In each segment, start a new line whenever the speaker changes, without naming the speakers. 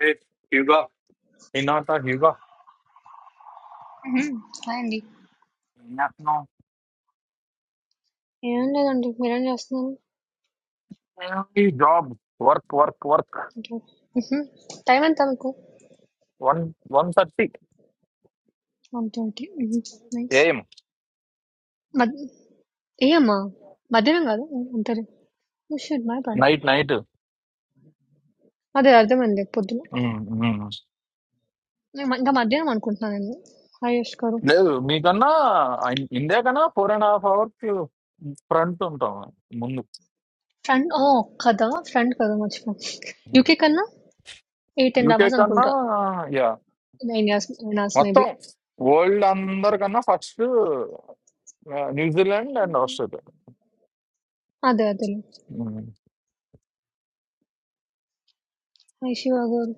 Hey, Hugo. Hey, Nata, Hugo.
హుహు. Hi అండి.
Yes, no.
ఏం లేదండి. మీరేం జేస్తున్నారు?
Only job. Work, work, work.
Okay. హుహు. టైమెంత మీకు?
One, one thirty
1:30. హుహు. నైస్.
AM.
మద్ ఏయమ్మా! మధ్యాహ్నం గాదా? ఓహ్! అంతేలే. Oh! Shit my bad.
Night, night.
అదే అర్థమైంది పొద్దున.
Mm, mm.
నేను ఇంకా మధ్యాహ్నం అనుకుంటున్నా నేను. హాయ్ యష్ గారు.
లేదు మీకన్నా ఇన్- ఇండియా కన్నా four and half hours front ఉంటాం ముందు
ఫ్రంట్ ఓహ్! కదా! ఫ్రంట్ కదా! మర్చిపోయాను. యూకే కన్నా 8, 10
యూకే
అవర్స్
కన్నా
అనుకుంటా.
యా
9 ఇయర్స్ 9 అవర్స్
మొత్తం
మేబీ.
వరల్డ్ అందరికన్నా ఫస్ట్ న్యూజిలాండ్ అండ్ ఆస్ట్రేలియా
అదే అదేలే. హాయ్ శివ గారు.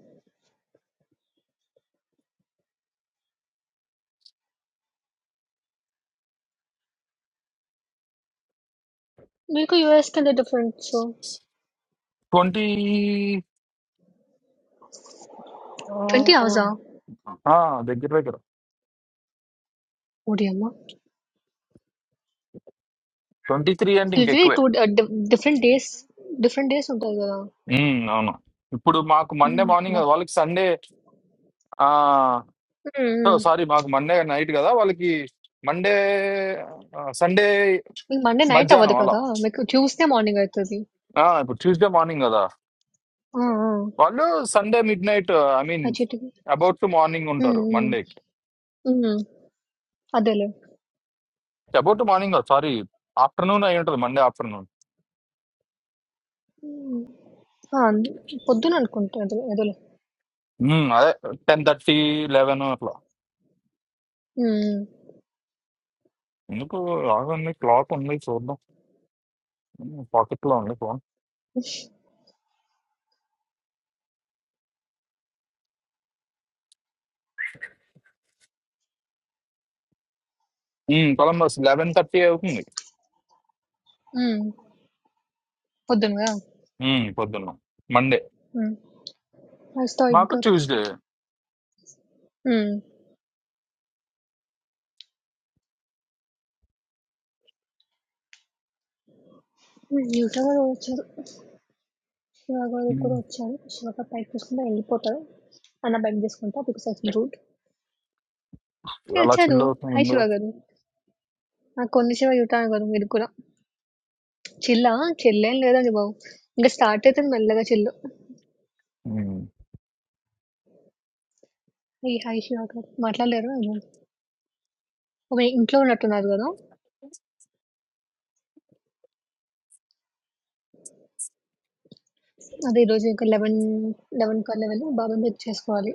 మీకు యూఎస్‌కెళ్ళి డిఫరెన్స్.
ట్వంటీ
20 అవర్సా?
దగ్గర దగ్గర
ఓడియమ్మ!
ట్వంటీ త్రీ అండ్
లిటరలీ
ఇంకెక్కువే
two different days different days ఉంటాయి కదా
ఉమ్, అవును ఇప్పుడు మాకు మండే
ఉమ్,
మార్నింగ్
బా
కదా వాళ్ళకి సండే ఆ
ఉమ్, ఉమ్.
సారీ మాకు మండే నైట్ కదా వాళ్ళకి మండే సండే
మీకు మండే నైట్ అవ్వదు
మధ్యాహ్నం అలా
కదా మీకు ట్యూస్డే మార్నింగ్ అవుతుంది
ఆ, ఇప్పుడు ట్యూస్డే మార్నింగ్ కదా వాళ్ళు Sunday midnight I mean
అచ్చేటికి
అబౌట్ టు మార్నింగ్
ఉమ్,
ఉంటారు మండేకి
ఉమ్, ఉమ్. అదేలే
అబౌట్ టు మార్నింగ్ కాదు సారీ ఆఫ్టర్నూన్ అయి ఉంటుంది మండే ఆఫ్టర్నూన్
ఆ, పొద్దున అనుకుంటా అదే అదేలే
ఉమ్, అదే టెన్ థర్టీ లెవెన్ అట్లా
ఉమ్,
ఎందుకు రాగండి క్లాక్ ఉంది చూద్దాం పాకెట్ లో ఉంది ఫోన్ కొలంబస్ లెవెన్ థర్టీ అవుతుంది
ఉమ్. పొద్దున కదా
ఉమ్, పొద్దున్న మండే
ఉమ్.
మాకు
అస్తాయిగ్గా
ట్యూస్డే
ఉమ్. ఉమ్, యువత గారు వచ్చారు శివ గారు కూడా వచ్చారు శివ గారు పైకి తీసుకుంటే వెళ్ళిపోతారు అన్న బైక్ తీసుకుంటా బికాస్ ఐ రూట్
అలా
వచ్చారు
చిల్ అవుతుంది
హాయ్
ఇంకా.
శివ గారు నాకు కొన్ని శివ యువత గారు మీరు కూడా చిల్లా? చిల్లేం లేదండి బాబు. ఇంక స్టార్ట్ అయితుంది మెల్లగా చిల్లు.
ఉమ్.
ఈ హాయ్ శివాకర్ మాట్లాడలేరు ఏమో? ఆమె ఇంట్లో ఉన్నట్టున్నారు గదా! అదే ఈరోజు ఒక 11, 11 కల్లా వెళ్ళి బాబాని పిక్ చేసుకోవాలి.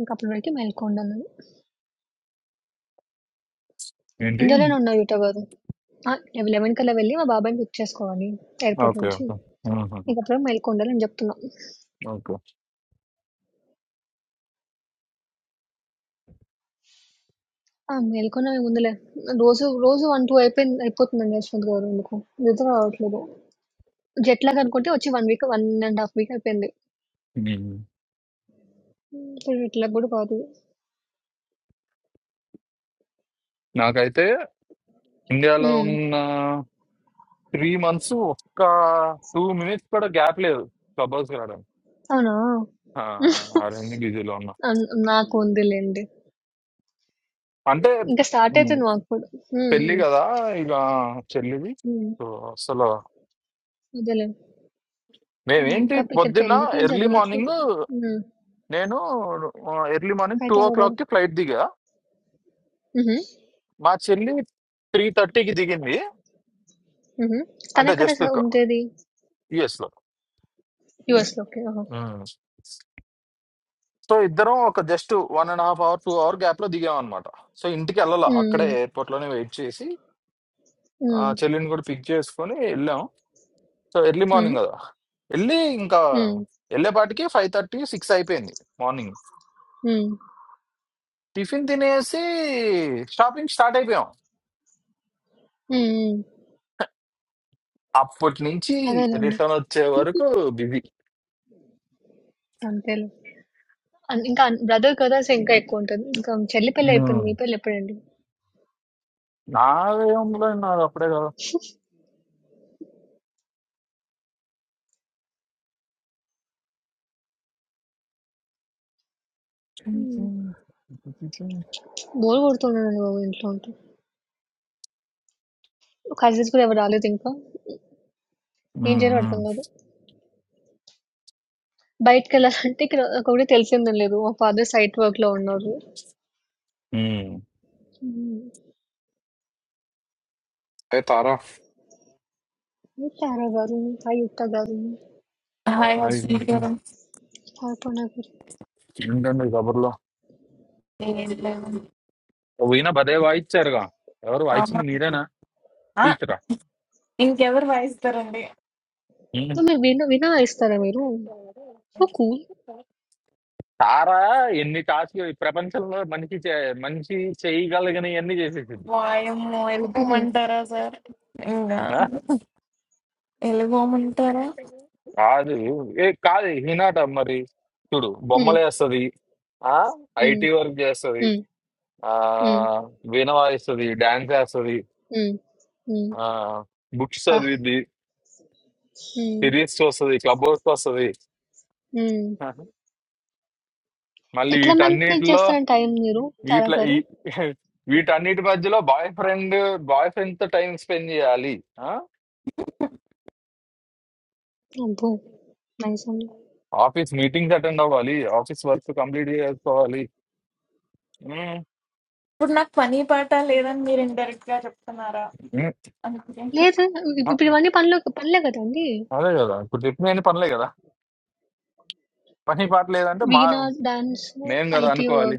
ఇంక అప్పటి వరకు మేల్కొండన్నాను.
ఏంటి
ఇండియాలోనే ఉన్నా యూటా గారు. ఆ! 11 కల్లా వెళ్ళి మా బాబాయిని పిక్ చేసుకోవాలి ఎయిర్‌పోర్ట్
ఓకే
నుంచి.
ఓకే ఆహాహా.
ఇంక అప్పటి వరకు మేల్కొండాలని చెప్తున్నా.
ఓకే
ఆ! మేల్కొనే ముందులే. రోజు, రోజు 1, 2 అయిపోయింది అయిపోతుందండి యశ్వంత్ గారు ఎందుకో. నిద్ర రావట్లేదు. జెట్ లాగ్ అనుకుంటే వచ్చి 1 వీక్, 1 ½ వీక్ అయిపోయింది.
ఉమ్.
ఇప్పుడు జెట్ లాగ్ గూడా కాదు.
నాకైతే ఇండియాలో
హ్మ్.
ఉన్న త్రీ మంత్స్ ఒక్క టూ మినిట్స్ కూడా గ్యాప్ లేదు క్లబ్ హౌస్ రావడానికి
అవునా?
ఆ, ఆ రెండు బిజీలో ఉన్నా
అన్ నాకు ఉందిలెండి.
అంటే
ఇంక స్టార్ట్
ఉమ్,
అయితుంది మాకు కూడా. హ్మ్.
పెళ్లి
హ్మ్.
కదా ఇక చెల్లిది
హ్మ్.
సో అసలు
అదేలే. హ్మ్.
మేమేంటి
ఇంకా ఇక్కడ
పొద్దున్న
పెళ్ళికి ఏం
ఎర్లీ
చదవట్లేదు.
మార్నింగ్
హ్మ్.
నేను ఎర్లీ మార్నింగ్ టూ
అయితే
ఓ
అలాగా
క్లాక్ కి ఫ్లైట్ దిగా
హుహు.
మా చెల్లి త్రీ థర్టీకి దిగింది
హుహు.
అంటే
తనెక్కడ
జస్ట్
చ ఉండేది?
యుఎస్ లో
యూఎస్‌లో. ఓకే. ఆహా!
ఉమ్. సో ఇద్దరం ఒక just one and half hour two hour gap లో దిగాం అనమాట సో ఇంటికి వెళ్ళాల
హ్మ్.
అక్కడే ఎయిర్పోర్ట్ లోనే వెయిట్ చేసి ఆ
హ్మ్.
చెల్లిని కూడా పిక్ చేసుకొని వెళ్ళాం సో ఎర్లీ
హ్మ్.
మార్నింగ్ కదా వెళ్ళి ఇంకా
హ్మ్.
వెళ్ళేపాటికి ఫైవ్ థర్టీ సిక్స్ అయిపోయింది మార్నింగ్
హ్మ్.
టిఫిన్ తినేసి షాపింగ్ స్టార్ట్ అయిపోయాం
హ్మ్. హ్మ్. హ్మ్.
అప్పటి నుంచి
అదేలెండి.
రిటర్న్ వచ్చే వరకు బిజీ
అంతేలే. అన్ ఇంకా బ్రదర్, బ్రదర్స్ ఇంకా ఎక్కువుంటది. ఇంకా చెల్లి పెళ్లి అయిపోయింది. మీ పెళ్లి ఎప్పుడండి?
నా ఏముందో నాది అప్పుడే కదా
హ్మ్.
ఉమ్,
బోర్ కొడుతుండేనండి బాబు ఇంట్లో ఉంటే. కజిన్స్ కూడా ఎవరు రాలేదు ఇంకా? ఏం చేయాలో
ఉమ్,
అర్థం కాదు. బయటికెళ్ళాలంటే ఇక్కడ ఒకటి తెలిసిందని లేదు. మా ఫాదర్ సైట్ వర్క్‌లో ఉన్నారు.
ఉమ్.
హ్మ్.
ఏ తారా
ఈ తారా గారు, ఆయుక్త గారు,
Hi, how are
hi
you?
Aparna గారు.
ఏంటండి కబుర్లో
I am.
ఓ ఈయన భలే వాయిచ్చారుగా ఎవరు
I am.
వాయించింది మీరేనా
Ah,
టీచరా
in cover wise, darling.
Um.
So, మీరు విన వినా ఇస్తారా మీరు? So cool.
తారా ఎన్ని టాస్క్లు ఈ ప్రపంచంలో మనిషి చే- మనిషి చేయగలిగిన ఎన్ని చేసేసింది
Wow, I am. Elgou
హుహు.
mantha ra sir. Inga.
ఆ?
Elgou mantha ra.
కాదు ఏ కాదు హినాట మరి చూడు
హ్మ్.
బొమ్మలు వేస్తుంది
హ్మ్.
ఐటీ వర్క్ చేస్తుంది
హ్మ్.
ఆ
హ్మ్.
వీణ వాయిస్తుంది డాన్స్ వేస్తుంది
హ్మ్. హ్మ్.
ఆ బుక్స్
ఆ!
చదివిద్ది
హ్మ్.
సిరీస్ చూస్తుంది క్లబ్ హౌస్ వస్తుంది
హ్మ్.
ఆహా. మళ్ళీ
ఎట్లా మేనేజ్
వీటన్నిటిలో
చేస్తారని టైం మీరు తారా
వీటిలో
గారు?
ఈ- వీటన్నిటి మధ్యలో బాయ్ ఫ్రెండ్ బాయ్ ఫ్రెండ్ తో టైం స్పెండ్ చేయాలి ఆ?
అబ్బో! నైస్ అండి.
ఆఫీస్ మీటింగ్స్ అటెండ్ అవ్వాలి ఆఫీస్ వర్క్ కంప్లీట్ చేసుకోవాలి um,
But not funny parta leden. Meir indirectya chupanara.
Um,
I am.
లేదు. ఇప్-
ఆ,
ఇప్పుడు ఇవన్నీ పనులు పనులే కదండీ!
అదే కదా ఇప్పుడు చెప్పిన అన్ని పనులే కదా పని పాట లేదంటే మా
వీణా, డాన్స్,
మేం కదా
ఐటీ వర్క్.
అనుకోవాలి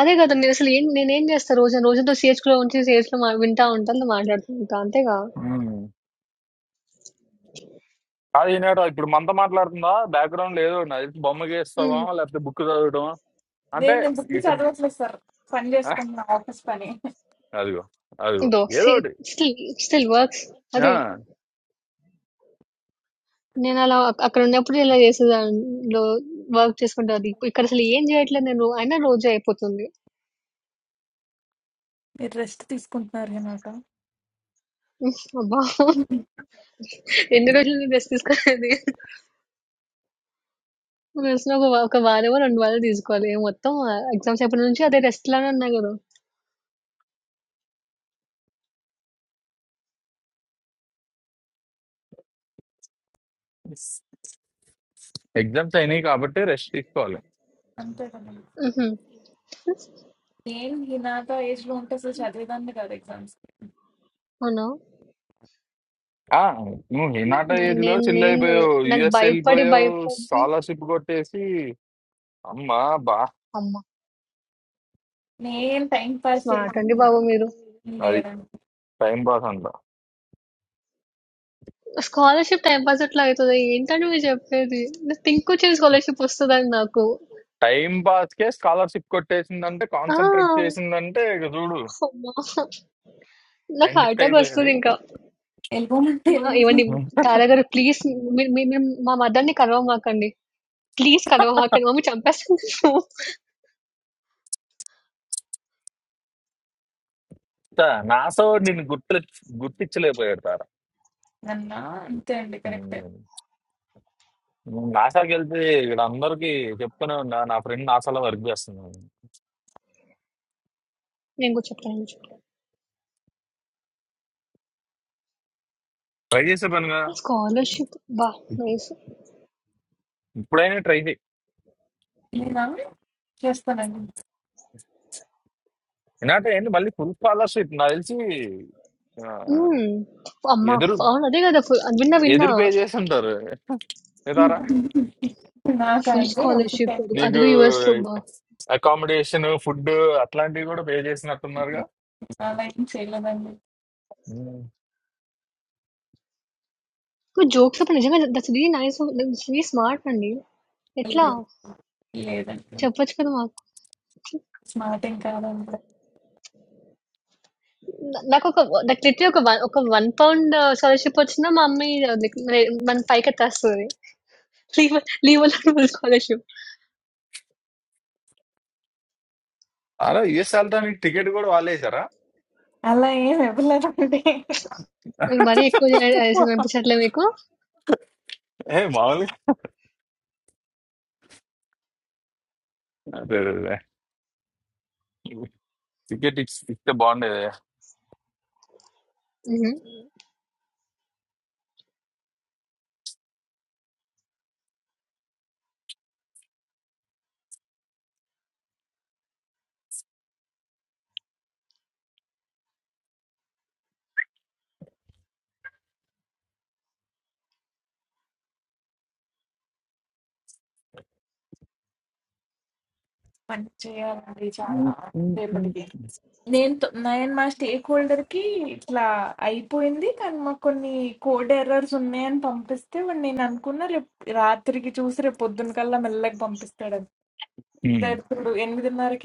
అదే కదా నేను అసలు ఏం నేనేం చేస్తా రోజు రోజుతో సిహెచ్లో ఉంచి సిహెచ్లో మా వింటా ఉంటాను మాట్లాడుతూ ఉంటా అంతేగా
ఉమ్. కాదు ఈనాడు ఇప్పుడు మనతో మాట్లాడుతుందా బ్యాక్గ్రౌండ్ లేదు బొమ్మ
ఉమ్.
గీస్తావా లేకపోతే బుక్ చదవటమా అంటే
Then the booky
ఇటు
chadu usle sir. Funny is kung na office pane.
అదిగో. అదిగో.
ఇదో
ఏదో ఒకటి.
స్టిల్ స్టిల్ వర్క్స్
ఆ!
అదే నేను అలా అక్- అక్కడ ఉన్నప్పుడు ఇలా చేసే దానిలో వర్క్ చేసుకుంటా అది ఇప్పు- ఇక్కడ అసలు ఏం చేయట్లేదు నేను అయినా రోజు అయిపోతుంది
The rest is kundarena ta.
ఉహ్, అబ్బా
I am.
ఎన్ని రోజులు నేను రెస్ట్ తీసుకోలేదు తెలిసిన ఒక వా- ఒక వారమో రెండు వారాలు తీసుకోవాలి ఏం మొత్తం ఎగ్జామ్స్ అయిపోయిన నుంచి అదే రెస్ట్ లానే ఉన్నా కదా
ఎగ్జామ్స్ అయినాయి కాబట్టి రెస్ట్ తీసుకోవాలి.
ఉహు.
Then he na ta age loan ke sa chadu leden agar exams.
అవునా
ఆ! నువ్వు హినాటా
నే-
ఏజ్‌లో
నేను
చిల్
నేను
అయిపోయావు.
నాకు
యూఎస్
భయపడి
ఎళ్ళిపోయావు.
భయపడి
స్కాలర్‌షిప్ కొట్టేసి అమ్మా! బా!
అమ్మ!
Then time pass the
smart అండి బాబు మీరు.
అది
leden.
టైం పాస్ అంతా.
స్కాలర్‌షిప్ టైమ్ పాస్ ఎట్లా అయితది? ఏంటండి మీరు చెప్పేది? నాకు థింకొచ్చింది స్కాలర్‌షిప్ వస్తదని నాకు.
టైం పాస్‌కే స్కాలర్‌షిప్ కొట్టేసిందంటే,
ఆ!
కాన్సంట్రేట్ చేసిందంటే ఇక చూడు
అమ్మ! నాకు హార్ట్
సైంటిస్ట్
అటాక్
అయిపోయాడు.
వస్తదింకా.
Elgou mantha
మా
elu.
ఏవండీ తారా గారు ప్లీజ్ మీరు మీరు మీరు మా మదర్‌ని కలవమాకండి. ప్లీజ్ కలవమాకండి. మమ్మీ చంపేస్తుంది నన్ను.
తా నాసో నిన్ను గుర్తు గుర్తించలేకపోయాడు తారా.
నన్న అంతే అండి కరెక్టే
నేను నాసాకి వెళ్తే ఇక్కడ అందరికీ చెప్తూనే ఉన్నా నా ఫ్రెండ్ నాసాలో వర్క్ చేస్తున్నాను
నేను కూడా చెప్తాను. నేను చెప్తాను.
ట్రై చేసే పనిగా
స్కాలర్‌షిప్ అబ్బా! నైస్.
ఇప్పుడైనా ట్రై చేయి
నేను చేస్తానండి
ఎందుకంటే ఏంటి మళ్ళీ ఫుల్ స్కాలర్షిప్ నాకు తెలిసి ఆ,
హ్మ్. అమ్మ!
ఎదురు
అవును. అదే కదా! ఫుల్ విన్నా విన్నా.
ఎదురు పే చేసి ఉంటారు ఏదారా
నాకు
ఫుల్
ఆయనగా రోజు
స్కాలర్‌షిప్.
టైం
నీకు
అదిగో యూఎస్‌లో అబ్బా!
అకామిడేషన్ ఫుడ్ అట్లాంటివి కూడా పే చేసినట్టున్నారుగా
అలా ఏం చేయలేదండి
ఉమ్.
ఇప్పుడు జోక్స్ అప్పుడు నిజంగా that's really nice that's really smart అండి ఎట్లా
లేదు లేదండి
చెప్పొచ్చు కదా మాకు
స్మార్ట్ ఏం కాదండి
నా- నాకు ఒక నాకు లిటరీ ఒక వన్ ఒక వన్ పౌండ్ స్కాలర్షిప్ వచ్చినా మా మమ్మీ like రే- మన పైకి ఎత్తేస్తుంది లీవ్ లీవ్ స్కాలర్షిప్
అరే యుఎస్ వెళ్ళడానికి టికెట్ కూడా వాళ్ళేసారా
అలా ఏం ఇవ్వలేదండి
మీరు మరీ ఎక్కువ చేయ- చేసిన అనిపించట్లే మీకు
ఏ మామూలుగా టికెట్ ఇస్తే
మ్మ్.
మంచి చేయాలండి చాలా రేపటికి
బాగుండేది
నేను తొ- నేను మా స్టేక్ హోల్డర్ కి ఇట్లా అయిపోయింది కానీ మాకు కొన్ని కోడ్ ఎర్రర్స్ ఉన్నాయని పంపిస్తే వాడు నేను అనుకున్న రేపు రాత్రికి చూసి రేపు పొద్దున కల్లా మెల్లగా పంపిస్తాడు That too, in which manner?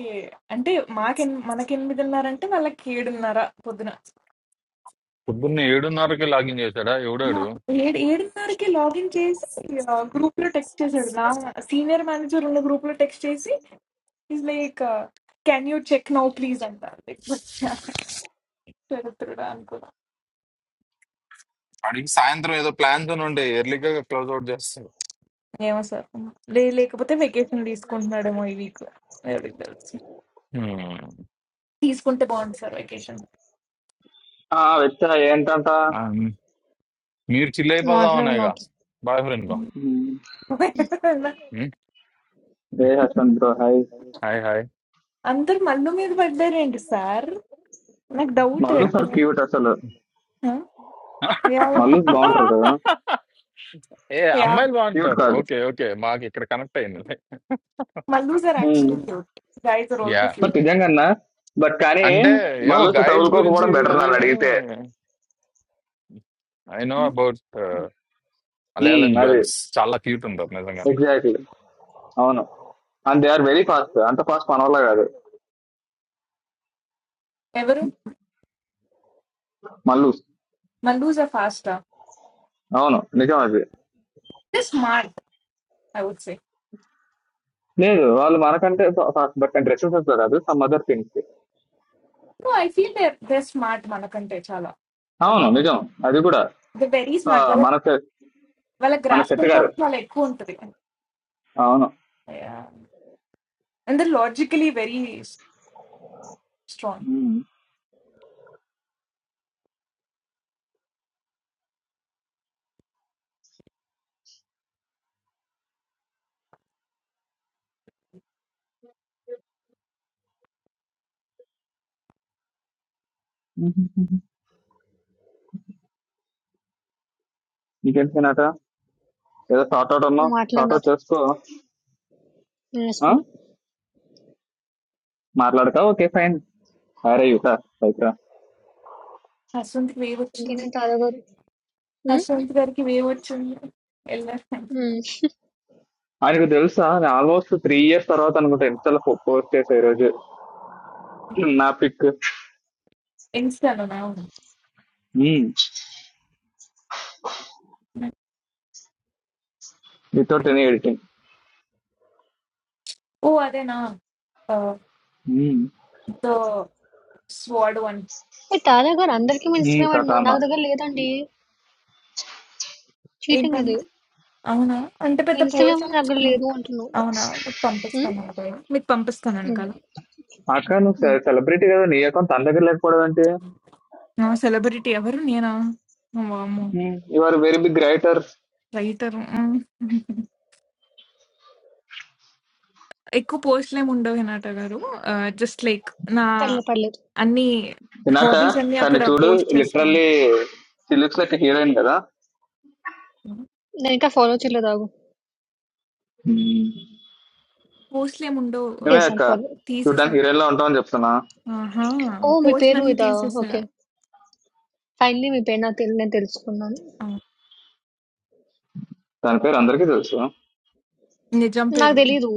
And the mom in, what kind of manner? And the whole kid manner. What didna?
పొద్దున్న ఏడున్నరకి లాగిన్ చేశాడా ఎవడాడు
No, the kid manner. Like login things, grouply textes arena. Senior manager one grouply textes is like, can you check now, please? And that like, what? I don't remember.
అడిగి సాయంత్రం ఏదో plans ఉండే ఎర్లీగా close out చేస్తాడు
I don't know. Yes, sir. Like, like, what type of vacation leaves? I'm not even aware. I don't know.
హ్మ్.
Leaves? What type of bond, sir? Vacation.
ఆ వ్యక్తి ఏంటంట
ఆ, మీరు చిల్ అయిపోదాం
మాట్లాడు
అనేగా
నాతో
బాయ్ ఫ్రెండ్ బా
No,
ఉమ్,
హ్మ్.
ఏ husband bro hi
hi hi
under Maldives, there is one sir. I doubt.
Mallu
hmm.
Sir cute అసలు
Huh? Yeah,
Mallu
yeah.
బాగుంటారు కదా
ఏ
Yeah.
అమ్మాయిలు
క్యూట్
బాగుంటారు
కాదు
ఓకే ఓకే మాకు ఇక్కడ కనెక్ట్ అయింది
Mallus are
um,
actually cute. Guys are
yeah
also cute.
Sir నిజంగా బట్ కానీ
అంటే ఏమో
మల్లు సార్
గాయస్ గురించి
తగులుకోకపోవడం బెటర్
తెలియదు
నన్ను
కానీ
అడిగితే
I know
Hmm?
About Malayalam
um, అది
గర్ల్స్ చాలా క్యూట్ ఉంటారు నిజంగా
ఎగ్జాక్ట్లీ అవును and they are very fast అంత ఫాస్ట్ మన వల్ల కాదు
Ever
Mallu
Mallus are faster.
అవును నిజం అది
They're smart, I would say.
లేదు వాళ్ళు మనకంటే ఫాస్ట్ బట్ డ్రెస్సెస్ కాదు some other things
No, I feel they're they're smart మనకంటే చాలా.
అవును నిజం
వాళ్ళు-
అది కూడా
They're very
ఆ,
smart. వాళ్ళ
మన సె-
వాళ్ళ
మన సెట్
grasping
గారు
power చాలా ఎక్కువ ఉంటుంది.
అవును
Yeah. And they're logically very s- strong.
ఉమ్. ఇంకేం తినాట ఏదో సార్ట్ అవుట్
నువ్వు
అన్నావు
మాట్లాడు
సార్ట్ అవుట్
నాతో
చేసుకో
నేను
ఆ?
వేసుకోను
మాట్లాడకా ఓకే ఫైన్ అరే యుత పైకి రా
హస్వంత్కి వేవ్ వచ్చింది.
ఇంకేంటంటే తాదా గారు మ్మ్?
హస్వంత్ గారికి వేవ్ వచ్చింది. వెళ్ళారు.
మ్మ్.
ఆయనకు తెలుసా నేను ఆల్మోస్ట్ త్రీ ఇయర్స్ తర్వాత అనుకుంటా ఎంత పోస్ట్ చేసా ఈ రోజు నా పిక్
ఇన్స్టాలో నా
వితౌట్ ఎనీ ఎడిటింగ్
ఓ అదేనా Uh, the sword
ఏ తాదా గారు అందరికీ మీ ఇన్స్టాగ్రామ్ ఐడి
కథానా
నాకు దగ్గర లేదండి చీటింగ్
one.
అది
అవునా? అంటే పెద్ద
ఇన్స్టాగ్రామ్
పోర్షన్
దగ్గర లేదు అంటున్నావు
అవునా? మీకు
మ్మ్?
పంపిస్తాను అదే. మీకు పంపిస్తానండి
మ్మ్.
కదా!
అక్క నువ్వు
మ్మ్.
సెలబ్రిటీ కదా నీ అకౌంట్ తన దగ్గర లేకపోవడం ఏంటి
ఆ! సెలబ్రిటీ ఎవరు? నేనా? వామ్మో!
Your very big writer
writer. Hmm. ఎక్కువ పోస్ట్‌లేమి ఉండవు హినాట గారు. ఆహ్, జస్ట్ లైక్ నా
పర్లేదు పర్లేదు
అన్ని
తినాక
హాబీస్ అన్నీ
తను
అక్కడ
చూడు
పోస్ట్ చేస్తా
లిటరల్లీ లుక్స్ లైక్ హీరోయిన్ కదా
ఉంటాను.
నేను ఇంకా ఫాలో చేయలేదు ఆగు
Hmm.
పోస్ట్‌లేమి ఉండవు.
నువ్వే
ఆహ్,
చేశాను
అక్క
ఫాలో
తీసేసా.
చూడ్డానికి హీరోయిన్ లా ఉంటావని చెప్తున్నా
ఆహా!
ఓ మీ పేరు
పోస్ట్‌లన్నీ
ఇదా
తీసేసా.
ఓకే ఫైనలీ మీ పేరు నాకు తెలి నేను తెలుసుకున్నాను
ఆ!
దాని పేరు అందరికీ తెలుసు
నిజం
నాకు
పేరు.
తెలీదు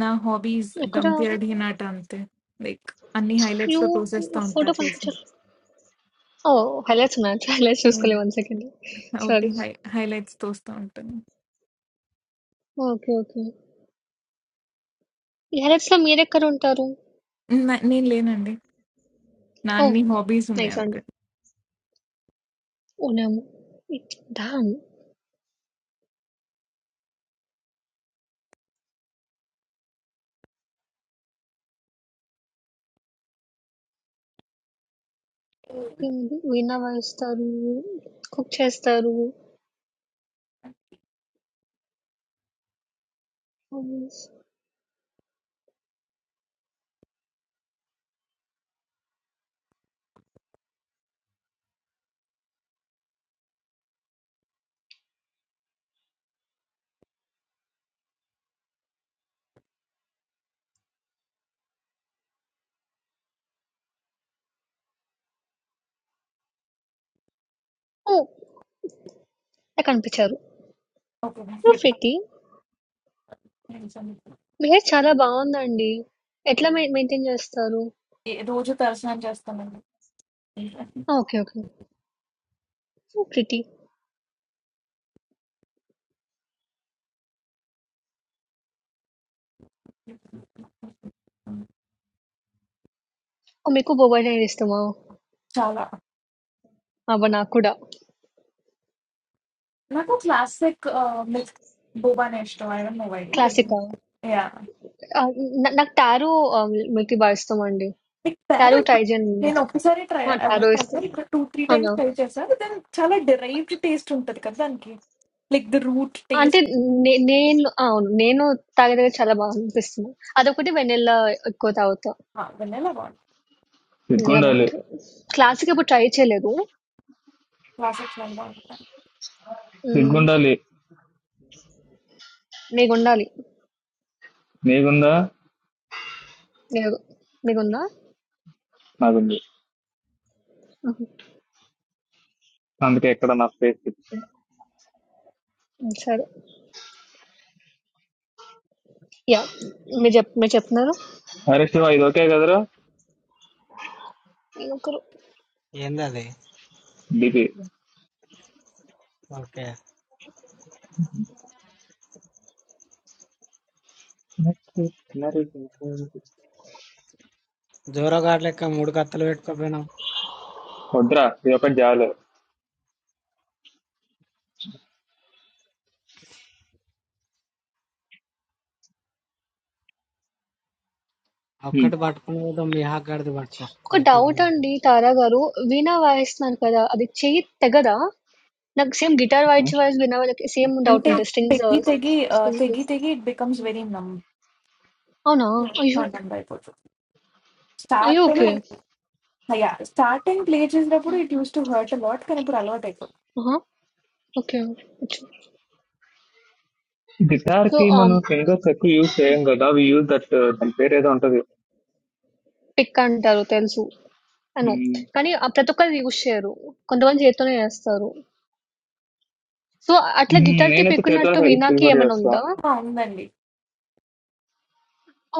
నా హాబీస్
ఎక్కడ
డంప్ యార్డ్ హినాట అంతే. లైక్ అన్ని
యూ
హైలైట్స్‌లో తోసేస్తా ఉంటా
ఫోటో
చేసి.
కనిపించట్లేదు ఓ హైలైట్స్ ఉన్నాయి హైలైట్స్ చూసుకోలేదు one second
That was the
sorry
highlight. Highlights, toh uska unka.
Okay okay ఈ హైలైట్స్ లో మీరు ఎక్కడ ఉంటారు
I didn't learn that.
ఓ
Nani hobbies unne
నైస్ అండి
agar.
ఉన్నాము డామ్ వీణ వాయిస్తారు కుక్ చేస్తారు Yes. ఓ నాకు కనిపించారు
Okay, but.
ప్రొఫెటి
Listen.
బిహేవ్ చాలా బావుందండి. ఎట్లా మెయి మెయింటైన్ జేస్తారు?
Like, do you just understand just to me?
ఆ! Okay. Okay. So pretty. Oh! మీకు బొబోయ్ నేర్ ఇష్టమా?
Chala.
అబ్బా! నాకు కూడా.
I like classic ah mix boba nesto. I don't know why, but
క్లాసికా?
yeah.
ఆహ్, న నాకు టారో ఆహ్, మిల్కీ బార్ ఇష్టమండి.
Like,
tarot
pair.
ట్రై చేయండి
I
నెక్స్ట్.
have tried
ఆ! టారో
so
ఇష్టం.
many times. Two, three times.
అవునా?
Like, chala. Derived taste unta dikhati. Like the root
అంటే
taste.
నే నేను అవును. నేను తాగేదగ్గర చాలా బా అనిపిస్తుంది. అదొకటి వెనిల్లా ఎక్కువ తాగుతా.
Ha, vanilla one.
వెనిల్లా
సిగ్గుండాలి
బావుంటది. క్లాసిక్ ఎప్పుడు ట్రై చేయలేదు.
Classic one.
హ్మ్.
సిగ్గుండాలి
మీకుండాలి.
నీకుందా
మీరు మీకుందా?
నాకుంది
హుహు.
అందుకే ఇక్కడ నా స్పేస్ ఇచ్చాను.
హ్మ్. సరే. యాహ్! మీరు జెప్ మీరు చెప్తున్నారు?
అరే శివ ఇది ఓకే కదరా
ఒక రో
ఏంది అది?
DP
okay. జోరగాడు లెక్క మూడు కత్తులు పెట్టుకోపోయినావు.
వద్దురా ఇది ఒకటి జాలు
ఒక్కటి పట్టుకుని పోదాం మీ హాక్ గాడిది పట్టుకో.
ఒక
గట్టిగా
డౌట్
ఉంది.
అండి తారా గారు. వీణా వాయిస్తున్నారు కదా! అది చెయ్యి తెగదా? నాకు సేమ్ గిటార్ వాయిచే వాయిస్ వీణా వాళ్ళకి సేమ్
And
డౌట్
the,
ఉంటది.
the
strings
gig, the gig, the gig,
strings
the gig, it becomes
హ్మ్.
very numb.
అవునా?
No,
అయ్యో!
numb by poch. Start,
అయ్యో! Okay.
no. Yeah, starting playing these, the poch it used to hurt a lot. Can you put a lot of effort?
Aha! Okay. అచ్చు.
Guitar
సో,
కి
ah,
మనం fingers ఎక్కువ use చేయం కదా we use that దాని పేరు ఏదో ఉంటది
పిక్ అంటారు తెలుసు. I know.
ఉమ్,
కానీ ఆహ్, ప్రతి ఒక్కరు యూజ్ చేయరు. కొంతమంది చేత్తోనే చేస్తారు. సో, అట్లా
ఉమ్,
గిటార్‌కి
నేనైతే
పిక్
చేతులు
ఉన్నట్టు వీణాకి
ప్రిఫర్
ఏమైనా
చేస్తా
ఉందా?
Found that day.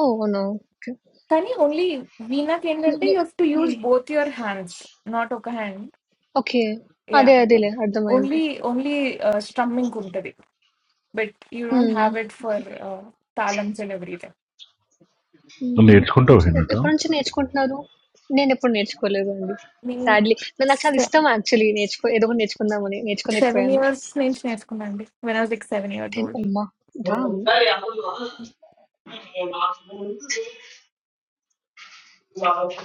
ఓహ్! అవునా? Okay.
Can you only weena playing
హ్మ్.
today? You have to use
హ్మ్.
both your hands, not one hand.
Okay.
Yeah.
అదే అదేలే అర్థమైంది.
Only, only strumming could that be? But you don't
హ్మ్.
have it for talam celebration.
No,
హ్మ్.
it's quite
so,
okay,
ఎప్ ఎప్పటి
no.
నుంచి నేర్చుకుంటున్నారు? నేనెప్పుడు నేర్చుకోలేదండి.
Me,
sadly. న నాకు చాలా ఇష్టం యాక్చువల్లీ నేర్చుకో ఏదో ఒకటి నేర్చుకుందామని.
seven
నేర్చుకోలేకపోయాను.
years, nine years, I found it when I was like seven years
and
old.
అమ్మా! డామ్!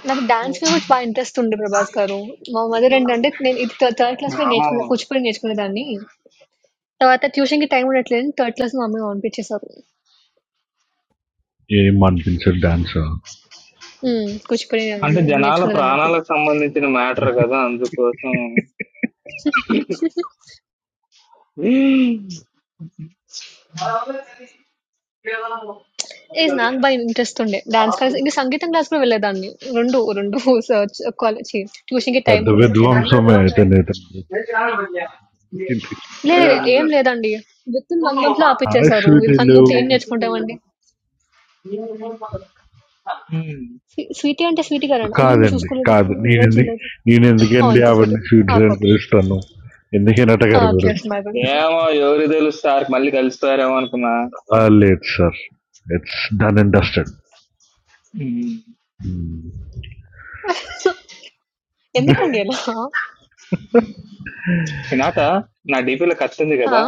నాకు డాన్స్ మీద కూడా బా ఇంట్రెస్ట్ ఉండే ప్రభాస్ గారు. మా మదర్ ఏంటంటే నేను ఇది థ థర్డ్
ఆ,
క్లాస్‌లో నేర్చుకున్న కూచిపూడి నేర్చుకునేదాన్ని. తర్వాత ట్యూషన్‌కి టైం ఉండట్లేదని థర్డ్ క్లాస్‌లో మా అమ్మ పంపించేశారు.
He is a wonderful dancer.
హ్మ్. కూచిపూడి
అంటే
నే-
జనాల
నేర్చుకునేదాన్ని అప్పుడు.
ప్రాణాలకు సంబంధించిన మ్యాటర్ కదా అందుకోసం ఉమ్,
ఏజ్ నాకు బా ఇంట్రెస్ట్ ఉండే. డాన్స్ క్లాస్ ఇంకా సంగీతం క్లాస్ కూడా వెళ్ళేదాన్ని. 2, 2 స కాలేజ్ ఛీ ట్యూషన్‌కి టైం
At the wedding
ఉండట్లేదని.
time, then that.
లేదు
అదే
లేదు, ఏం
అదే.
లేదండి. విత్ ఇన్ 1 మంత్‌లో
Alright,
ఆపిచ్చేశారు. ఇన్
sweetie,
1 మంత్‌లో ఏం
hello.
నేర్చుకుంటామండి?
ఉమ్,
స్వీ స్వీటీ అంటే స్వీటీ
What
గారండి. అయ్యో! నేను
happened?
చూసుకోలేదు.
What? You
invite
are.
చేయలేదు.
You are going to
ఆ!
India?
ఇంకో
Have
స్వీటీ.
you
ఆ!
decided
okay.
to go? What are you going
ఆ!
to do?
KFC my bad.
ఏమో ఎవరు తెలుసు సార్ మళ్ళీ కలుస్తారేమో అనుకున్నా
Too late, sir. It's done and dusted.
Um.
Hmm.
ఎందుకండి అలా?
నాట నా డీపీలో కత్తి ఉంది
ఆ!
కదా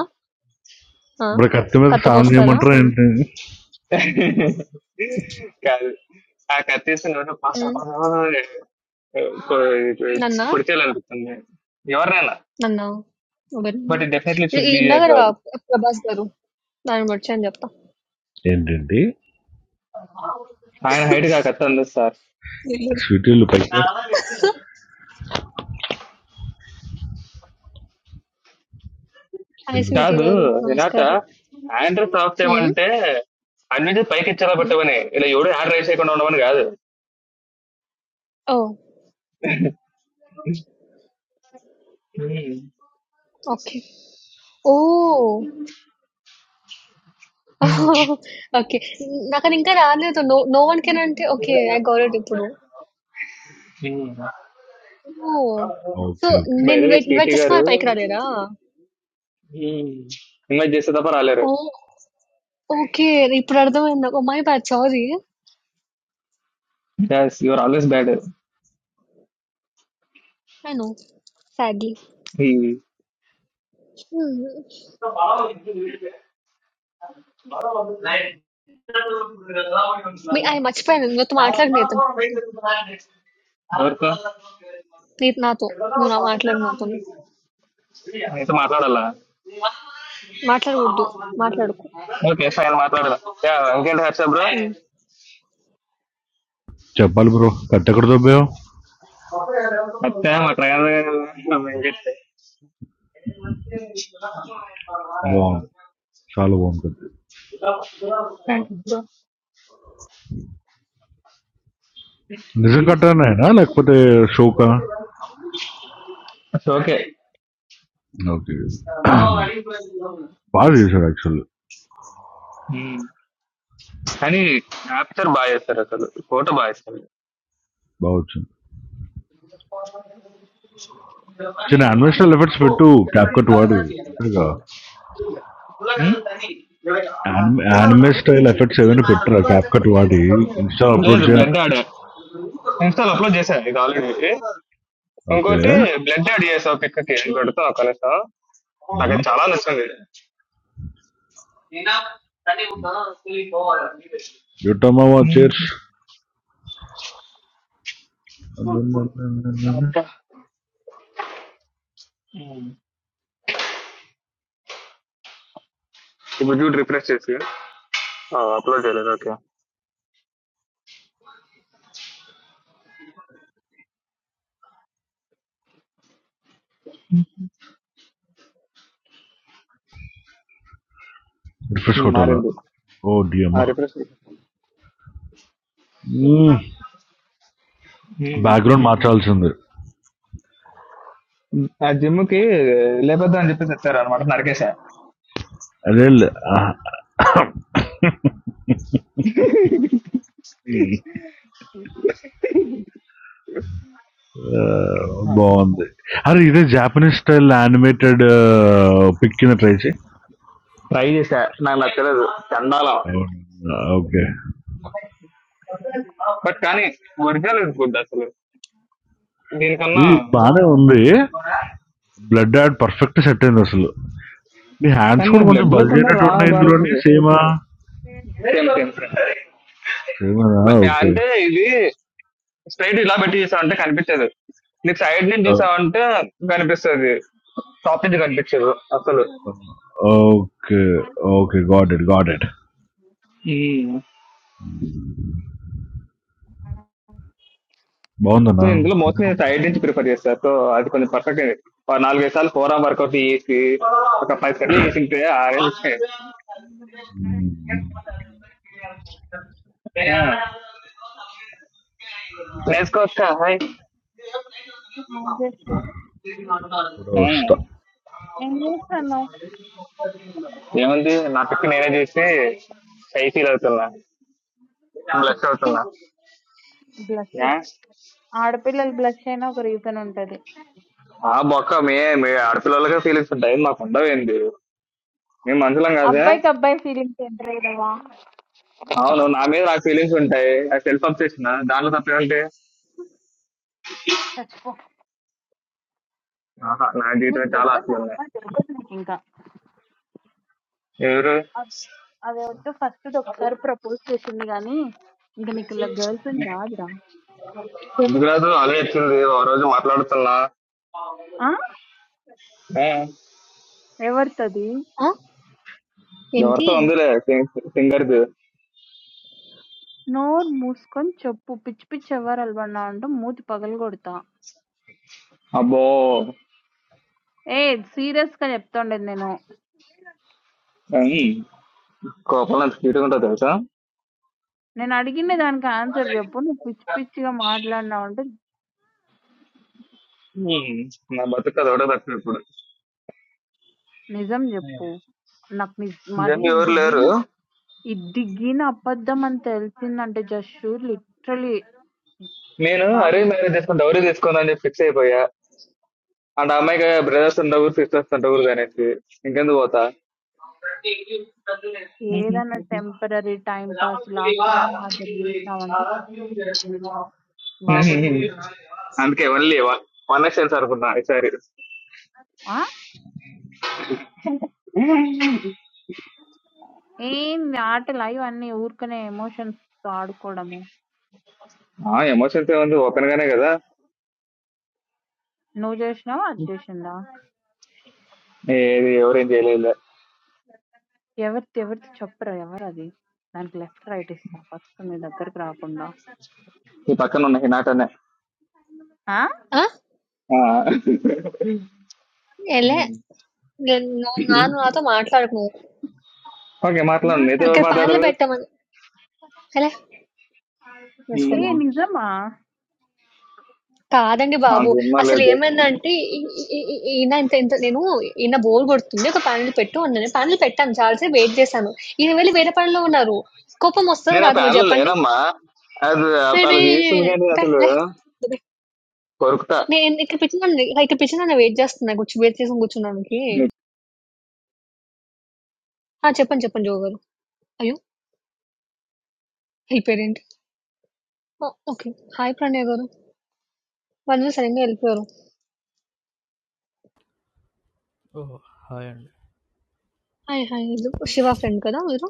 ఆ!
What about the
కత్త
sound? You are
కోస్తారా?
not ready.
కాదు ఆ కత్తి తీసిన పాస
హ్మ్.
పాస
నన్నా?
పుడితేయాలనిపిస్తుంది ఎవరినైనా
నన్నా? వెల్
బట్ డెఫినెట్లీ
ఇ
షుడ్
ఇ
బి
ఉన్నా గదా!
గారు
ప్రభాస్ గారు. ఆయన మర్చాను చెప్తా.
Ready, ready.
ఆయన హైట్ గా కత్తి అందదు సార్
తెలీదు.
Sweetie, hello.
Hi
Hello.
Sweetie
కాదు
గారు.
వినాట
నమస్కారం.
ఆండ్రూ ప్రాప్తి
హ్మ్.
ఏమంటే అన్నిటి పైకి ఇచ్చేలా
హ్మ్.
పెట్టమని ఇలా ఎవడు హ్యాండ్ రైజ్ చేయకుండా ఉండమని కాదు
ఓహ్! ఓకే. ఓహ్! ఓకే. నాకది ఇంకా రాలేదు. నో నో వన్ కెన్ అంటే ఓకే. ఐ గాట్ ఇట్ ఇప్పుడు. ఓహ్! So,
Okay, okay.
నేను
బయట
వెయిట్
స్వీటీ
వెయిట్ చేస్తే
గారు
వాళ్ళు పైకి రాలేరా?
ఇన్వైట్ చేస్తే తప్ప రాలేరు
ఓహ్! ఓకే. ఇప్పుడు అర్థమైంది నాకు. My bad. Sorry.
Yes, you are always bad.
I know. Sadly.
He,
hmm. మీ అయి మర్చిపోయాను. నీతో మాట్లాడను నీతో.
ఎవరితో
నీ నాతో. నువ్వు నా మాట్లాడు నాతోని.
నీతో మాట్లాడాలా
మాట్లాడకూడదు. మాట్లాడకు.
ఓకే ఫైన్ మాట్లాడదా యా ఇంకేంటి Harsha bro
hmm.
Come, pal, bro. What time do you want?
అత్తే మా ట్రయల్ ఇంకెట్టే
Bomb. Shall we go? When are you going to come? No, like for the show, ka.
Okay
Okay. Badly sir, actually,
కానీ capture బాగా చేస్తారు అసలు photo బాగా ఇస్తారు
very much. Because anime style effects we too capture towards. Okay.
లేదు
An anime style effects even picture capture towards Instagram upload.
బ్లడ్ యాడ్ install upload చేశా ఇది ఆల్రెడీ ఇంకోటి
Okay.
బ్లడ్ యాడ్ చేసా పిక్కకి పెడతా కనీస నాకు అది
Hmm.
చాలా నచ్చింది
The other one was just.
ఇప్పుడు చూడు రిఫ్రెష్ చేసి అప్లోడ్ చేయలేదు ఓకే
Refresh hotel.
మారింది
Oh dear.
Refresh
Hmm. Background match also under.
ఆ జిమ్ కి లేపద్దు అని చెప్పేసి వచ్చారు అనమాట నరికేసా
Really. Ah, bond. Are these Japanese style animated picture?
Try చేసా నాకు నచ్చలేదు చండాలం
Okay.
బట్ కానీ ఒరిజినల్ గుడ్ అసలు దీనికన్నా
ఇది బానే ఉంది బ్లడ్ యాడ్ పర్ఫెక్ట్ సెట్ అయింది అసలు నీ హ్యాండ్స్
కానీ నా
కూడా కొంచెం
బ్లడ్
బల్జ్
లేకుండా
అయినట్టు
రా
ఉన్నాయి
భారత్
ఇందులోని
సేమ్
సేమా
సేమ్ సేమ్
సేమానా ఓకే
అంటే ఇది స్ట్రైట్ ఇలా పెట్టి చూసావంటే కనిపించదు నీకు సైడ్ నుంచి చూసావంటే కనిపిస్తుంది టాప్ నుంచి కనిపించదు అసలు
okay okay got it got it
so
బాగుందన్నా
ఇందులో మోస్ట్లీ నేను సైడ్ నుంచి ప్రిఫర్ చేస్తాను. సో అది కొంచెం పర్ఫెక్ట్ అయింది. ఒక నాలుగైదు సార్లు ఫోర్ ఆర్మ్ వర్కౌట్ చేసి ఒక పది సార్లు చేసింటే ఆ రేంజ్ వచ్చినాయి. ఆ. నేర్చుకోవచ్చు కదా, హాయ్ ఉమ్.
ఆ! జస్ట్
ఫోటో వస్తా.
ఏం చేస్తున్నావు?
ఏముంది నా పిక్ నేనే చేసి సై ఫీల్ అవుతున్నా బ్లెస్ అవుతున్నా
బ్లడ్ టెస్ట్.
Yeah.
ఆడపిల్లలు బ్లష్ అయినా ఒక రీజన్ ఉంటది.
ఆ బొక్క మీ మీ ఆడపిల్లలకే ఫీలింగ్స్ ఉంటాయి మాకు ఉండవేంది మేము మనుషులం కాదే
అబ్బాయికి అబ్బాయి ఫీలింగ్స్ ఎంటర్ అయ్యావా?
అవును నా మీద నాకు ఫీలింగ్స్ ఉంటాయి అది సెల్ఫ్ అప్సెషన్ దాంట్లో తప్పేమంటే
చచ్చిపో.
ఆహా నా
నీకు
జీవితం చాలా ఆశలు
దొరకదా
ఉన్నాయి
అమ్మాయి దొరకదు నీకు ఇంకా.
ఎవరు
అద్- అది వద్దు ఫస్ట్ ఒకసారి ప్రపోజ్ చేసింది కానీ ఇంకా నీకు ఇలా గర్ల్ ఫ్రెండ్ రాదురా.
ఎందుకు రాదు అదే వచ్చింది ఓ రోజు మాట్లాడుతున్నా
ఆ?
ఏ,
ఎవరితది?
ఆ! ఏంటి?
ఎవరితో ఉందిలే సింగర్ది
నోరు మూసుకొని చెప్పు పిచ్చి పిచ్చి ఎవరాలు పడినా అంటే మూతి పగలగొడతా.
అబ్బో
ఏ సీరియస్ గా చెప్తుండేది నేను.
ఉమ్, కోపంలో ఎంత క్యూట్గా ఉంటుందో తెలుసా
నేను అడిగిన దానికి ఆన్సర్ చెప్పు. నువ్వు పిచ్చి పిచ్చిగా మాట్లాడినావు అంటే
ఉమ్, నా బతుకు అది ఒకటే తక్కువ ఇప్పుడు
నిజం జెప్పు. నాకు ని మరీ
జన్ ఎవరు లేరు
దిగిన ఈ దిగిన అబద్ధం అని తెలిసిందంటే జస్టు లిటరల్లీ
నేను అరేంజ్
బాగోదు.
మ్యారేజ్ చేసుకుని డౌరీ తీసుకుందని చెప్పి ఫిక్స్ అయిపోయా అంటే ఆ అమ్మాయికి బ్రదర్స్ ఉండవు సిస్టర్స్ ఉండవు అనేసి ఇంకెందుకు పోతా
ఏదైనా టెంపరరీ టైమ్ పాస్ లాస్ట్ దాని మాత్రం జేసినావంటే బాగోదు చూడు.
అందుకే ఓన్లీ వన్ ఎక్స్టెన్స్ అనుకున్నా ఈసారి
ఆ! ఏంది ఆటలా ఇవన్నీ ఊరికనే ఎమోషన్స్‌తో ఆడుకోవడము.
ఆ ఎమోషన్స్ ఏముంది ఓపెన్ గానే కదా
నువ్వు జేసినావా? అది జేసిందా?
ఏది ఎవరేం చేయలేదు
ఎవరిది ఎవరిది చెప్పురా ఎవరది? దానికి లెఫ్ట్ రైట్ ఇస్తా ఫస్ట్ నీ దగ్గరకి రాకుండా.
ఈ పక్కన ఉన్న హినాటనే
ఆ!
ఆ! ఏలే. నేను నువ్వు నా నువ్వు నాతో మాట్లాడకు నువ్వు.
ఓకే మాట్లాడు నీతో ఎవరు
ఇక్కడ
ఇలాంటనా?
ప్యానెల్
మాట్లాడరు
పెట్టామని ఏలే
ఏ
వేసుకోలే.
ఉమ్,
నిజమా?
కాదండి బాబు.
నాకు సినిమా లేదు
అసలేమైందంటే ఇ ఇ ఇ ఇ ఈయన ఇంత ఇంత నేను ఈయన బోర్ కొడుతుంది. ఒక ప్యానెల్ పెట్టు అన్నాను. ప్యానెల్ పెట్టాను. చాలా సేపు వెయిట్ చేశాను. ఈయన వెళ్ళి వేరే పనిలో ఉన్నారు. కోపం వస్తదా
నేను ఆ
రాదా మీరు
ప్యాన్ లో
చెప్పండి?
లేనమ్మా అది
రే రే
వాళ్ళకి తీస్తుంది కానీ
రే
అసలు
రే. రే.
కొరుకుతా
నేను ఇక్కడ పిచ్చిదాన్ని ఇక్కడ పిచ్చిదాన్ని వెయిట్ చేస్తున్నా కూర్చో వెయిట్ చేసి కూర్చున్నానికి. ఆ! చెప్పండి చెప్పండి జో గారు. అయ్యో! వెళ్ళిపోయారేంటి? Oh okay. హాయ్ ప్రణయ్ గారు. వాళ్ళు సడన్‌గా వెళ్ళిపోయారు.
Oh, high end.
Hi hi. వీళ్ళు శివ ఫ్రెండ్ కదా మీరు?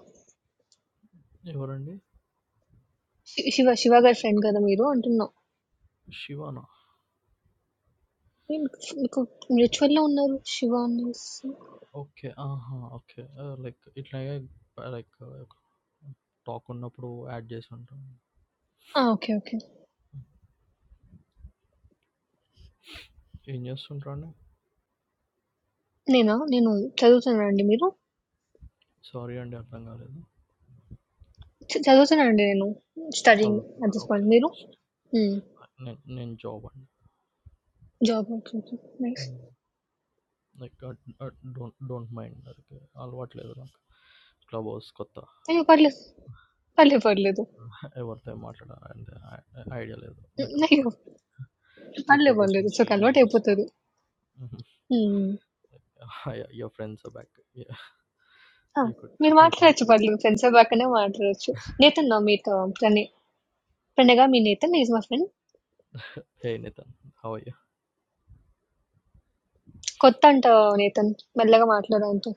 Which one
శి శివ శివ గారి ఫ్రెండ్ కదా మీరు అంటున్నా.
is Shiva? No.
నేను మీకు రిచువల్‌లో ఉన్నారు. 'శివ' అనేసి
Okay. Ah, ha. Okay. Like it's like like talk on a pro address. Sunda
ఆ! ఓకే. ఓకే.
engineer. Sunda.
నేనా? నేను చదువుతున్నా అండి. మీరు?
Sorry, and that Bangalore.
చ చదువుతున్నా అండి నేను. Studying
No.
At this point.
Okay.
మీరు? హ్మ్.
Ne, ne job
job okay. Okay. Nice.
and like don't don't mind. Like all what level clubbers gotta.
అయ్యో! పర్లేదు. పర్లేదు. పర్లేదు.
Everday matter and ideal.
హ్మ్.
Like okay
అయ్యో!
three four
పర్లేదు.
days
పర్లేదు.
once.
It's okay.
Use
అలవాటయిపోతది.
just.
Hmm.
Yeah, your friends are back. Yeah,
ఆ!
you could
మీరు
you can
మాట్లాడొచ్చు పర్లేదు. ఫ్రెండ్స్ అయ్యాకనే మాట్లాడొచ్చు. నేతన్ నా మీతో ప్రణయ్. ప్రణయ్ గారు మీ Nathan. He is my friend.
pay nothing. How are you?
కొత్త అంట నేతన్. మెల్లగా మాట్లాడు ఆయనతో.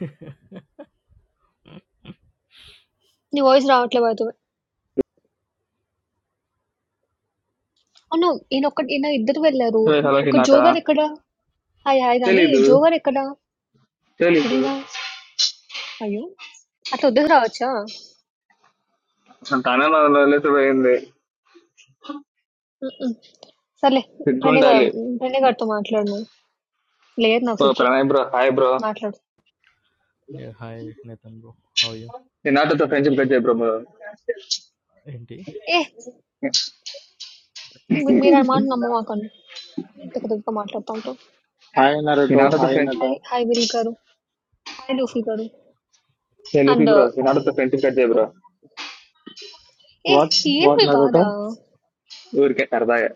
Yeah,
నీ వాయిస్ రావట్లే బై ద వే. అవును. ఈయనొక్కడు ఈయన ఇద్దరు వెళ్లారు.
హలో
ఒక
హినాట
'జో' గారెక్కడ? 'హాయ్ హాయ్' గాని
తెలీదు
'జో' గారెక్కడ?
తెలీదు
తెలీదా? అయ్యో! అట్లా వదిలేసి రావచ్చా?
తనే నా వదిలేసి పోయింది
హుహు. సర్లే ప్రణయ్ గా
సిగ్గుండాలి
ప్రణయ్ గారితో మాట్లాడు నువ్వు. లేదు నాకు
బ్రో
సిగ్గు.
ప్రణయ్ బ్రో హాయ్ బ్రో
మాట్లాడు.
hi Nathan, bro. How are you?
హినాటతో ఫ్రెండ్షిప్ కట్ చేయ బ్రో బ్రో
Indeed.
ఏ మీ మీరు ఆ మాట నమ్మమాకండి. తిక్క తిక్కగా మాట్లాడుతా ఉంటారు.
Hi Naruto,
హినాటతో
hi
friend
hi
Naruto.
Hi Will గారు. హాయ్ లూఫీ గారు.
Hey Lucy
and
bro
Hi.
హినాటతో ఫ్రెండ్షిప్ కట్ చేయ బ్రో
ఏ
What?
ఏంది
What
మీ బాధ?
Naruto?
ఊరికే సరదాగా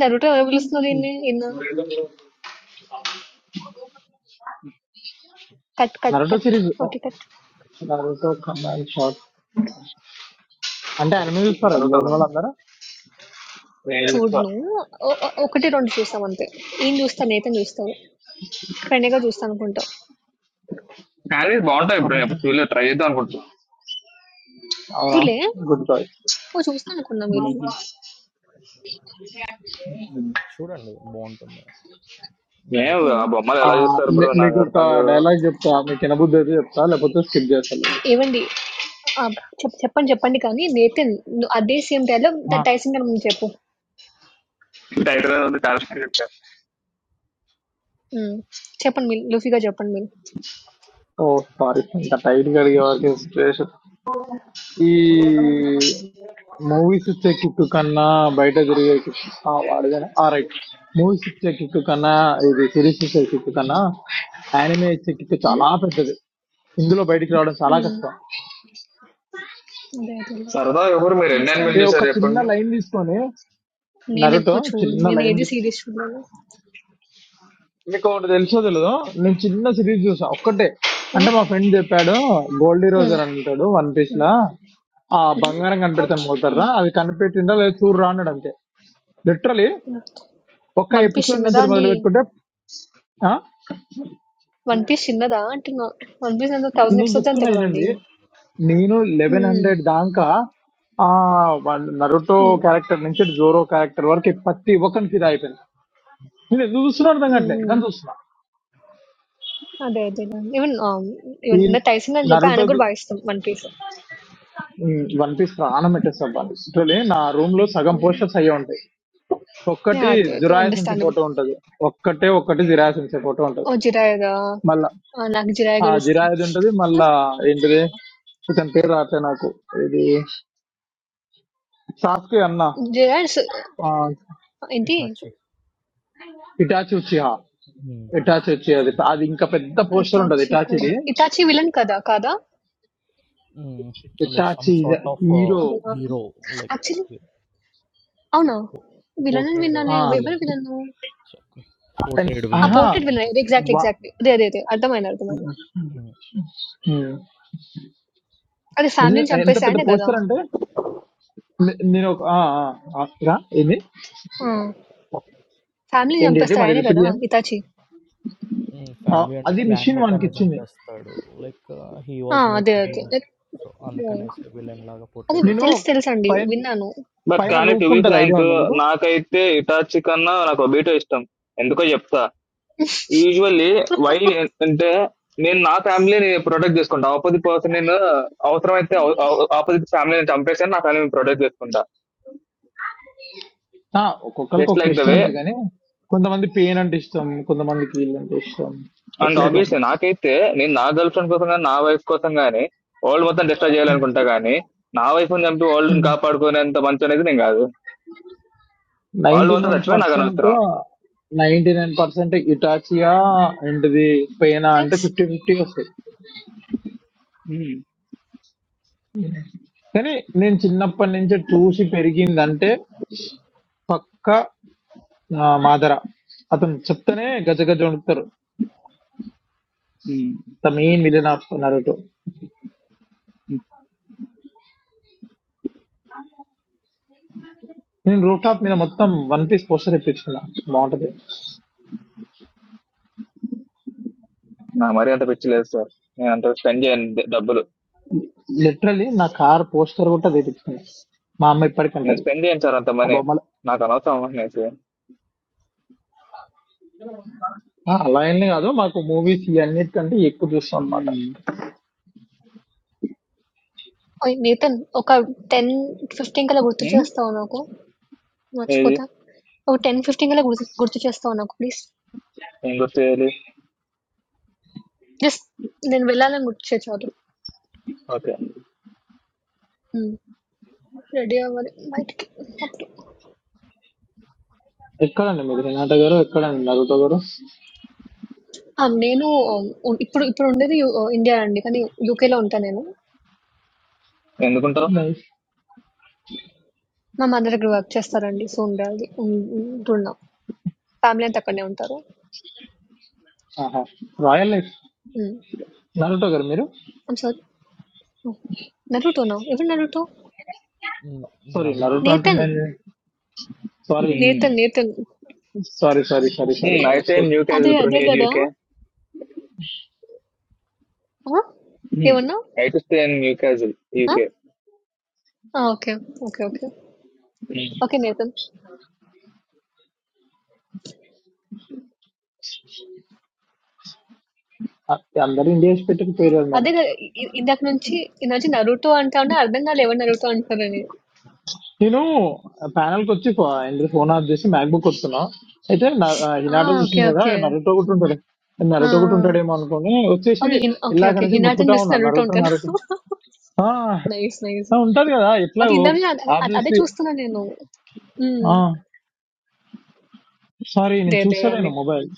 నరుటో ఎవరు పిలుస్తున్నారు ఈయన్ని? ఈయన కట్ కట్
Naruto
కట్.
series. uh,
ఓకే కట్.
Naruto command shot. అంటే అనిమే చూస్తారా ఇందులో
అడుగుతాను
ఉన్న వాళ్ళందరూ
చూడు నువ్వు ఒ ఒ ఒకటి రెండు చూసాం అంతే. ఈయన చూస్తా, నేతన్ చూస్తారు. ప్రణయ్ గారు చూస్తా అనుకుంటా.
శారీస్ బాగుంటాయి బ్రో
Okay, sir.
ఎప్పుడు చూడలేదు ట్రై చేద్దాం అనుకుంటున్నాను
అవునా
గుర్తులే
గుడ్ చాయిస్
ఓ చూస్తాను అనుకున్నా మీరు
The short and bondome,
ఏం
nice
ఉమ్.
ఆ బొమ్మలు ఎలా
aspect.
చూస్తారు బ్రో నాకు
మీకు ఒక
అర్థం కాదు
డైలాగ్ చెప్తా మీకు ఎనబుద్ధి అయితే చెప్తా
ఏ-
లేకపోతే స్కిప్ చేస్తాను
ఏ- ఏవండి ఆ, చెప్- చెప్పండి చెప్పండి కానీ నేతన్ ను- అదే సేమ్ డైలాగ్ టైసింగ్ గారు ముందు చెప్పు
టైటిల్ ఉంది చాలా చెప్పారు
ఉమ్. చెప్పండి మీరు లూఫీగా చెప్పండి మీరు
ఓ సారీ ఇంత టైట్ గా అడిగే ఈ మూవీస్ ఇచ్చే కిక్ కన్నా బయట తిరిగే కిక్ వాడదాను ఆ రైట్ మూవీస్ ఇచ్చే కిక్ కన్నా ఇది సిరీస్ ఇచ్చే కిక్ కన్నా యానిమే ఇచ్చే కిక్
ఉమ్.
చాలా పెద్దది ఇందులో బయటికి రావడం చాలా
ఉమ్.
కష్టం
అదే అదే
సరదా ఎవరు మీరు ఎన్ని
అండర్స్టాండ్
అనిమల్
ఈ ఒక
చూసారు
చిన్న
చెప్పండి
లైన్ తీసుకొని
నేను
నరుటో
ఎక్కువ చూడు
చిన్న
నేను
లైన్
ఏది
తీసుకొని
సీరియస్ చూడలేదు
మీకు ఒకటి తెలుసో తెలియదు నేను చిన్న సిరీస్ చూసా ఒక్కటే అంటే
ఉమ్.
మా ఫ్రెండ్ చెప్పాడు గోల్డీ
ఉమ్.
రోజర్ అని అంటాడు వన్ పీస్
ఉమ్.
లా ఆ
ఉమ్.
బంగారం
Ouch.
కనిపెడతాను పోతారా
ఉమ్.
అది కనిపెట్టిందా లేదా చూడరా అన్నాడు అంతే లిటరలీ
ఉమ్.
ఒక్క
వన్ పీస్
ఎపిసోడ్
చిన్నదా
నుంచి
అండి
మొదలు పెట్టుకుంటే ఆ?
వన్ పీస్ చిన్నదా అంటున్నా వన్ పీస్ ఎంత థౌసండ్
నేను
ఎపిసోడ్స్ అంత
చెప్తున్నా
కదండి
ఏనండి నేను లెవెన్
ఉమ్.
హండ్రెడ్ దాకా ఆ వాళ్ళ నరుటో
ఉమ్.
క్యారెక్టర్ నుంచి జోరో క్యారెక్టర్ వరకు ప్రతి ఒక్కరికి ఫిదా అయిపోయింది నేను ఎందుకు చూస్తున్నా అర్థం కావట్లే
ఉమ్.
దాన్ని చూస్తున్నా
हाँ दे दे ना इवन
ఈ
इवन मैं टाइसिंग का नजर पे
నరుటో
अनेकुर बाईस थम वन पीस है
వన్ పీస్ ప్రాణం పెట్టేస్తాను వన్ పీస్ లిటరలీ నా రూమ్ లో సగం పోస్టర్స్ అయ్యే ఉంటాయి
नहीं
ఒక్కటి
आता है तो
జురాయసెన్స్
अंडरस्टैंडेबल
ఫోటో ఉంటది ఒక్కటే ఒక్కటి జిరాయసెన్స్ ఫోటో ఉంటది
और जिराए दा
మళ్ళా
नाक जिराए
ఆ
कर रही थम
జిరాయది ఉంటది మళ్ళా ఏంటిది ఇతని పేరు రావట్లే నాకు ఇది సాస్కే అన్న
जिराए इतनी
Itachi.
Itachi Uchiha
Hmm. Yes.
Itachi వచ్చి
That's
అది
huge.
అది ఇంకా పెద్ద పోస్టర్ ఉంటది
इताची कोड
ఇటాచిది
इताची विलन कदा कदा
Hmm. Or
Itachi
some sort of
hero
hero, like
actually अन्ना विलन
portrayed
विन्ना ने वेवर
villain.
विलन हो
Portrayed villain, I
ఆహా
अपोर्टेड
think.
विलन एक्जैक्टली
వా
एक्जैक्टली दे दे दे
Hmm. Yeah.
ఉమ్. నిజం- ఎంత పెద్ద పోస్టర్ అంటే నే- నేను ఒక ఆ, ఆ, ఆ, రా, ఏంది ఏంటి మరి రిపీట్ చేయండి
Hmm.
ఆ,
Family and the
అది
clan,
మిషన్
but I
వానికి
need jump
ఇచ్చింది
faster. Like he was made to do that. So, and can I say villain like a portrayed just.
నేను పై
आद
బట్
పైన
కానీ టు
రూఫ్
బి
ఉంటది ఐడియా
ఫ్రాంక్
ఉందా మీకు
నాకైతే ఇటాచి కన్నా నాకు ఒబీటో ఇష్టం ఎందుకో చెప్తా యూజువల్లీ వై అంటే నేను నా ఫ్యామిలీని ప్రొటెక్ట్ చేసుకుంటా ఆపోజిట్ పర్సన్ నేను అవసరమైతే ఆపోజిట్ ఫ్యామిలీని చంపేసి నా ఫ్యామిలీని ప్రొటెక్ట్ చేసుకుంటా
ఆ, ఒక్కొక్కరికి
జస్ట్
ఒక్క
లైక్ ద
ఇష్టం
వే
హ్మ్.
లే కానీ కొంతమంది పెయిన్ అంటే ఇష్టం కొంతమందికి ఇల్లు అంటే ఇష్టం
అండ్
అట్లా
ఆబ్వియస్లీ నాకైతే నేను నా గర్ల్ ఫ్రెండ్ కోసం కానీ నా వైఫ్ కోసం కానీ వరల్డ్ మొత్తం డిస్ట్రాయ్ చేయాలనుకుంటా కానీ నా వైఫ్ ని చంపి వరల్డ్ ని కాపాడుకునేంత మంచి అనేది నేను కాదు వరల్డ్
నైన్టీ
మొత్తం
నైన్
చచ్చిపోయి నాకు
పర్సెంట్
అనవసరం
నైన్టీ నైన్ పర్సెంట్ ఇటాచియా ఏంటిది పేనా అంటే
నైస్.
ఫిఫ్టీ ఫిఫ్టీ వస్తాయి
ఉమ్,
కానీ నేను చిన్నప్పటి నుంచి చూసి పెరిగిందంటే పక్క మాదర అతను చెప్తేనే గజ గజ వణుకుతారు
ఉమ్.
తమ మెయిన్ విలన్ నరుటో నేను రూఫ్ టాప్ మీద మొత్తం వన్ పీస్ పోస్టర్ తెప్పించుకున్నా బాగుంటది
నా మరీ అంత పిచ్చి లేదు సార్ నేను అంత స్పెండ్ చేయను ద- డబ్బులు
లిటరలీ నా కార్ పోస్టర్ కూడా తెప్పించుకున్నా మా అమ్మ
నేను
ఇప్పటికంటది
స్పెండ్ చేయను సార్ అంత
ఆ
మనీ
బొమ్మలు
నాకు అనవసరం అనేసి
ఆ, అలా ఏం కాదు మాకు మూవీస్ ఇవన్నిటికంటే ఎక్కువ చూస్తాం అనమాట
ఉమ్.
ఓయ్! నితిన్ ఒక 10, 15 కల్లా గుర్తు
ఉమ్?
చేస్తావా నాకు?
ఏది
మర్చిపోతా. ఒక 10, 15 కల్లా గుర్తు గుర్తు చేస్తావా నాకు ప్లీజ్?
ఏం గుర్తు చేయాలి
జస్ట్ నేను వెళ్ళాలని గుర్తు చేయి చాలు.
ఓకే
హ్మ్. రెడీ అవ్వాలి బయటికి. అప్పుడు
ఎక్కడండి మీరు హినాట గారు ఎక్కడండి నరుటో గారు
ఆ! నేను ఉ ఇప్పుడు ఇప్పుడు ఉండేది యు ఇండియా అండి. కానీ యూకేలో ఉంటా నేను.
ఎందుకుంటావు
లైఫ్
మా మదర్ దగ్గర వర్క్ చేస్తారండి. సో, ఉండాలి. ఉం ఉంటున్నాం. ఫ్యామిలీ అంతా అక్కడనే ఉంటారు.
ఆహా రాయల్ లైఫ్
హ్మ్.
నరుటో గారు మీరు
ఐమ్ సారీ. హ్మ్. 'నరుటోనా'? ఎవరు 'Naruto'?
Hmm.
Sorry
Nanna,
Naruto
bro.
'Nathan.'
అంటున్నాను sorry
'Nathan.' 'Nathan.'
Sorry sorry sorry sorry I
I stay in
మిస్కోట్
న్యూ క్యాజిల్
అదే.
బ్రో
అదే
నియర్
గదా!
యూకే
ఆ! ఏమన్నావు?
I to stay in Newcastle
ఆ!
యూకే
ఆ! Okay. Okay. Okay. Okay. Nathan.
అందరూ ఇండియా పెట్టక పేరు అనమాట
అదే గదా! ఇ ఇ- ఇందాక నుంచి ఇందాక నుంచి 'నరుటో' అంటా ఉన్నా అర్థం కాలే ఎవరు 'నరుటో' అంటారని.
నేను ప్యానల్ కి వచ్చి ఇంద్ర ఫోన్ ఆఫ్ చేసి మ్యాక్ బుక్ వస్తున్నా అయితే నా- ఆ,
ఆ!
Hinata
okay.
చూసింది కదా
ఓకే.
నరుటో ఒకటి ఉంటాడు
ఆ! ఆ!
నరుటో ఒకటి ఉంటాడేమో అనుకుని వచ్చేసి
ఓకే. హిన్ ఓకే.
ఇలాగ
ఓకే.
నుంచి
'హినాటని'
ముట్టుకుంటా
చూసి
ఉన్నా
'నరుటో'
నరుటో
అంటాను.
నరుటో ఆ,
నైస్. నైస్.
ఆ, ఉంటది కదా ఎట్లా
అది ఇందాక నుంచి అదే అదే అదే
ఆబ్వియస్లీ
చూస్తున్నా నేను. హ్మ్.
సారీ నేను
లేదు లేదండి.
చూస్తలేను మొబైల్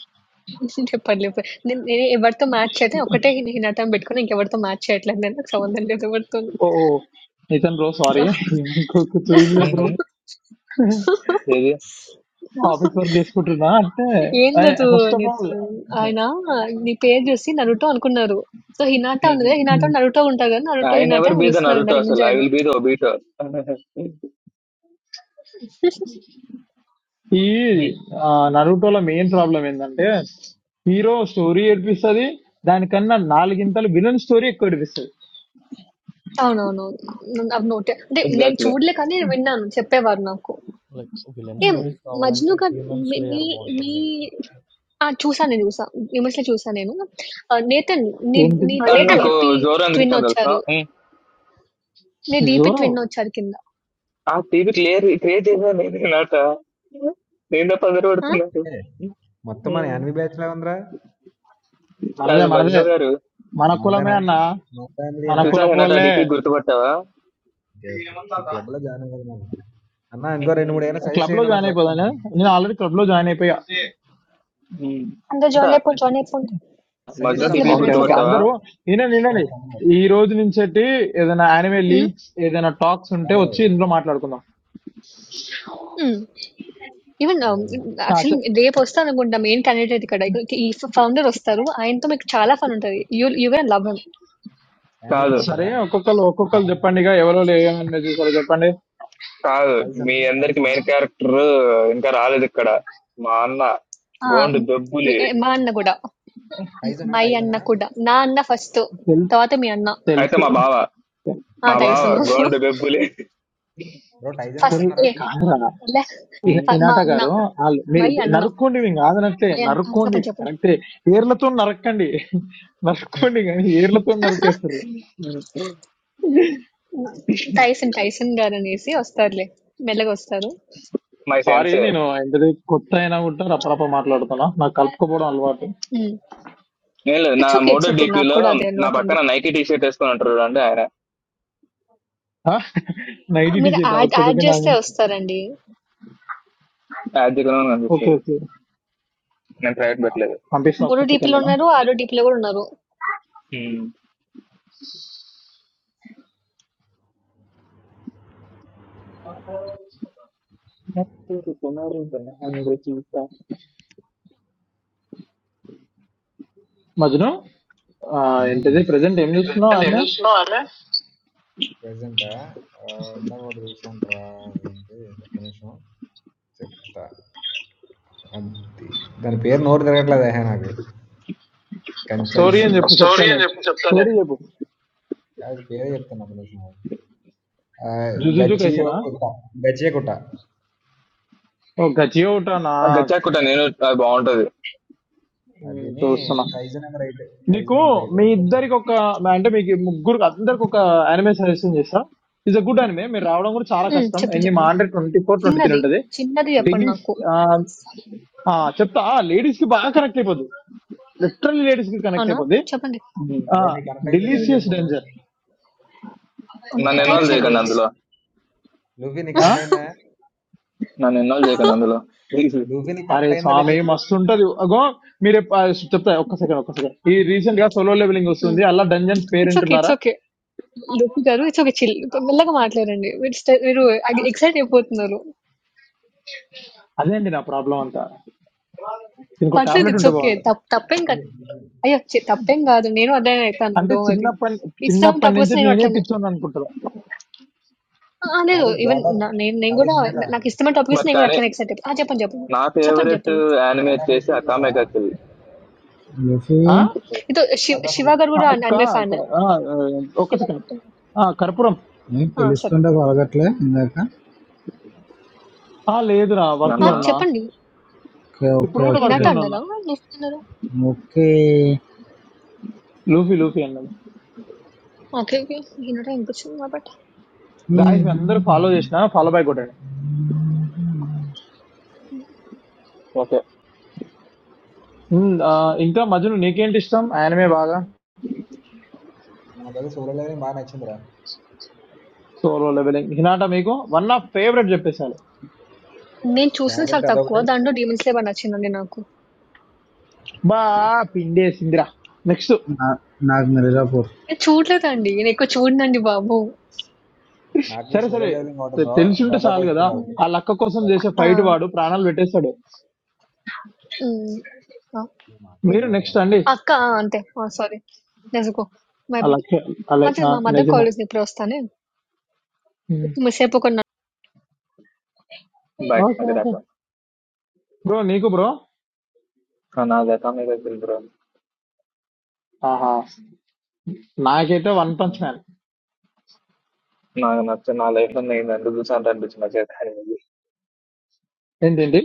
పర్లేదు. పర్లేదు. నేను నేను ఎవరితో మ్యాచ్ చేయట్లే. ఒకటే 'హిన్ హినాటని' పెట్టుకున్నా. ఇంకెవరితో మ్యాచ్ చేయట్లేదు నేను. నాకు సంబంధం లేదు ఎవరితోని.
ఓ నితన్ బ్రో సారీ ఇంకొక చూడలే బ్రో
ఏది
ఆఫీస్ వర్క్ చేసుకుంటున్నా అంటే
ఏం లేదు
ఫస్ట్ ఆఫ్ ఆల్
నితిన్. ఆయన నీ పేరు చూసి నరుటో అనుకున్నారు. సో హినాట ఉంది కదా హినాటో నరుటో ఉంటారు కదా నరుటో
ఐ
హినాట
నెవర్
అని
బీ ద
పిలుస్తున్నారు
నరుటో
ఇందాక నుంచి
అసలు ఐ
ఆయన
విల్ బీ ద ఒబీటో
ఈ నరుటోలో మెయిన్ ప్రాబ్లం ఏంటంటే హీరో స్టోరీ ఏడిపిస్తుంది దానికన్నా నాలుగింతలు విలన్ స్టోరీ ఎక్కువ ఏడిపిస్తుంది
అవునవును అవి నోటే అంటే నేను
ఎగ్జాక్ట్లీ
చూడలే కానీ నేను విన్నాను చెప్పేవారు నాకు
Like villain
ఏం
stories,
మజ్ను
howvalante,
గారు
Demon
మీ మీ
Slayer, Bontam,
మీ
thingka.
ఆ చూసాను నేను చూసా ఇమేజ్ లో చూసా నేను ఆ, నేతన్ నీ
ఏంటి
నీ
That's it.
అండ్ నాకు
డిపి
జోరో ఎందుకు
ట్విన్
ఇష్టం తెలుసా
వచ్చారు
మ్మ్.
నీ డిపి
జోరో
ట్విన్ వచ్చారు కింద
ఆ టీవీ క్లియర్ క్రియేట్ చేశాను నేను నాట నేను తప్ప అందరూ
ఆ?
పడుతున్నారు ఉమ్.
మనదే
కాదు మజ్ను
మనదే
గారు
మన కులమే అన్న మన
చూసాక నాట ఆ
కులపోలే
డిపి గుర్తుపట్టావా
క్లబ్ లో జాయిన్ అయిపోదాను నేను ఆల్రెడీ క్లబ్ లో జాయిన్ అయిపోయా
హ్మ్.
అందరు
అంట
జాయిన్ అయిపోండి జాయిన్ అయిపోండి
మధ్యలో
మైక్ లో
టీపీ
మేము
ఓకే ఓకే
గుర్తుపట్టావా?
అందరూ వినండి వినండి ఈ రోజు నుంచి ఏదైనా యానిమే
ఎట్లా
లీగ్స్ ఏదైనా టాక్స్ ఉంటే వచ్చి ఇందులో మాట్లాడుకుందాం
ఈవెన్
ఆ, చె-
యాక్చువల్లీ రేపు వస్తాను అనుకుంటా మెయిన్ క్యాండిడేట్ ఇక్కడ ఇక్కడ ఈ ఫౌండర్ వస్తారు ఆయనతో మీకు చాలా ఫన్ ఉంటుంది you you gonna love him
కాదు.
సరే ఒక్కొక్కరు ఒక్కొక్కరు చెప్పండి ఇక ఎవరో ఏమన్నా చూసారో చెప్పండి
కాదు. మీ అందరికి మెయిన్ క్యారెక్టర్ ఇంకా రాలేదిక్కడ. మా అన్న గోండు బెబ్బులి.
మా అన్న కూడా మ్- మై అన్న కూడా నా అన్న ఫస్ట్
తెల్-
తర్వాత మీ అన్న
అయితే
తెలుసు
మా బావ.
ఆ
మా బావ
తెలుసును
గోండు బెబ్బులి.
ఫస్ట్
ఒరే,
ఏ
కాదురా
లే
ఇ-
హ్మ్.
ఫ- మా
ఇనాట
అన్న
గారు వాళ్ళు మీరు
మై అన్న
నరుక్కోండి మేము కాదనట్లే
మై అన్న ఆ,
నరుక్కోండి
చెప్పండి చెప్పండి
కరెక్టే ఏర్లతో నరక్కండి నరుక్కోండి కానీ ఏర్లతో నరికేస్తారు
టైసన్ టైసన్ గారు అనేసి వస్తారులే మెల్లగా వస్తారు
మై
సారీ
సెన్సే.
నేను ఎంత కొత్త అయినా కూడా రపరప మాట్లాడుతున్నా నాకు కలుపుకోపోవడం అలవాటు
ఏం లేదు. నా
it's okay
motto
it's okay నాకు
డీపీలో
కూడా అదే
నా
అలవాటు అండి
పక్కన నైకీ టీ షర్ట్ వేసుకొని ఉంటారు చూడండి ఆయన.
ఆ,
నైట్
మీరు
డిజిట్
యాడ్
ఒక్క
యాడ్
సెకండ్
చేస్తే
ఆగు.
వస్తారండి
యాజ్గా
ఓకే
అనిపిస్తుంది.
ఓకే
నేను ప్రైవేట్ పెట్టలేదు.
పంపిస్తున్నా
మూడు
ఒక్క
DP
సెకండ్
లో
నేను
ఉన్నారు ఆరో DP లో కూడా ఉన్నారు
హ్మ్.
మజ్ను ఆ, ఏంటిది ప్రజెంట్ ఏం చూస్తున్నావు
That's
ఆమె
it. No, I'm
స్టోరీ అని
not.
చెప్పు చెప్తా
Story is
నేను స్టోరీ చెప్పు జుజుజు కైసనా ఓ గజియో ఉటానా
గచ్చాకుట నేను అది బాగుంటది.
ఉమ్, చూస్తున్నా నీకు మీ ఇద్దరికి ఒక అంటే మీకు ముగ్గురు అందరికి ఒక అనిమే సజెషన్ చేస్తా ఇట్స్ అ గుడ్ అనిమే మీరు రావడం కూడా చాలా
హ్మ్.
కష్టం
చెప్పండి.
ఎన్ని మా
చెప్పండి.
Hundred twenty four twenty three
చిన్నది.
ఉంటుంది
చిన్నది చెప్పండి
ఢిల్లీస్
నాకు. ప్లీజ్.
చెప్తా లేడీస్ కి బాగా కనెక్ట్ అయిపోద్ది లిటరల్లీ లేడీస్ కి కనెక్ట్
అవునా?
అయిపోద్ది
చెప్పండి.
హ్మ్.
హ్మ్.
డెలీషియస్ డేంజర్
అవును. ఆహ్,
నన్ను
టైప్
ఇన్వాల్వ్
చేయండి
చేయకండి
ప్లీజ్.
అందులో.
ఆ
నన్ను ఇన్వాల్వ్ చేయకండి అందులో ప్లీజ్
అరే స్వామి మస్తు ఉంటది అగో మీరు ఎప్ప- ఆ, చెప్తా ఒక్క సెకండ్ ఒక్క సెకండ్ ఈ రీసెంట్ గా సోలో లెవెలింగ్
హ్మ్.
వస్తుంది అలా డంజన్స్ పేరు
ఇట్స్ ఓకే. ఇట్స్
వింటున్నారా
ఓకే. లోపి గారు ఇట్స్ ఓకే. చిల్ మెల్లగా మాట్లాడండి. మీరు స్ట మీరు ఎగ్ ఎక్సైట్ అయిపోతున్నారు.
అదే అండి నా ప్రాబ్లం అంతా దీనికి
పర్లేదు
టాబ్లెట్
ఇట్స్
ఉంటే
ఓకే.
బాగుండు
తప్ తప్పేం కాదు. అయ్యో! ఛీ! తప్పేం కాదు. నేను అట్లానే అయితాను.
అంటే
డోంట్ వరీ.
చిన్నప్పటి
ఇష్టమైన
చిన్నప్పటి
టాపిక్ వస్తే
నుంచి
నేను
నేనే
అట్లనే.
పిచ్చోని అనుకుంటారు
ఆ! ఆ! లేదు. ఈవెన్ న నేను నేను గూడా నాకు ఇష్టమైన టాపిక్ వస్తే
బట్
నేను గూడా
కానీ
అట్లనే ఎక్సైట్ అయితా. ఆ! చెప్పండి. చెప్పండి.
నా
చెప్పండి.
ఫేవరెట్
చెప్పండి.
యానిమే వచ్చేసి అకామే గకిల్
లూఫీ
ఆ?
ఇదో శివ్ 'శివ' గారు
ఆ,
గూడా అన్
అక్క
అనిమె
అక్క,
ఫ్యానే.
ఆ, ఆ, ఒక్క
'శివ'
సెకండ్
గారితో మాట్లాడ
ఆ కర్పూరం
నేను
ఆ! సరే.
పిలుస్తుంటే పలకట్లే ఇందాక
ఆ లేదురా వర్క్
ఆ!
లో
నన్న
ఉన్నా
చెప్పండి.
ఓకే
ఇప్పుడు
ఓకే
కూడా
ఓకే
వర్క్
హినాట
లోనే ఉన్నా
అన్నారా? లుఫ్ట్ అన్నారా?
ఓకే
లూఫీ లూఫీ అన్నది
ఓకే. ఓకే. హినాట వినిపిచ్చింది కాబట్టి.
గాయస్ అందరూ ఫాలో చేసిన ఫాలో బై కొట్టాడు
ఓకే
ఉమ్, ఆ, ఇంకా మధ్యలో నీకేంటి ఇష్టం ఆయనమే బాగా సోలో లెవెలింగ్ హినాట మీకు వన్ ఆఫ్ ఫేవరెట్ చెప్పేశారు
నేను చూసింది చాలా తక్కువ. దాంట్లో 'డీమన్ స్లేయర్' నచ్చిందండి నాకు.
బా పిండేసిందిరా నెక్స్ట్
నా- నాకు మిర్జాపూర్
నేను చూడలేదండి. నేనెక్కువ చూడనండి బాబు.
సరే సరే తె- తెలిసి ఉంటే చాలు కదా
హ్మ్.
ఆ లక్క కోసం చేసే
ఆ!
ఫైట్ వాడు ప్రాణాలు పెట్టేస్తాడు
హ్మ్. ఆ! ఏది?
మీరు నెక్స్ట్ అండి
అక్క ఆ! అంతే. ఆ! సారీ. నిజకో. My bad.
అలాగే అలాగే
మంచిది
ఆ,
మా మదర్ కాల్
నిజమే
చేసింది. ఇప్పుడే వస్తానే.
ఉమ్.
కొంచెం సేపు ఒక
బాయ్
ఓకే
అది
ఓకే
రాక
బ్రో నీకు బ్రో
నాది అకామే గకిల్ బ్రో
ఆహా నాకైతే వన్ పంచ్ మ్యాన్
నాకు నచ్చ నా లైఫ్ లో నేను ఎందుకు చూసాను అనిపించింది నాకు యానిమే
ఏంటండి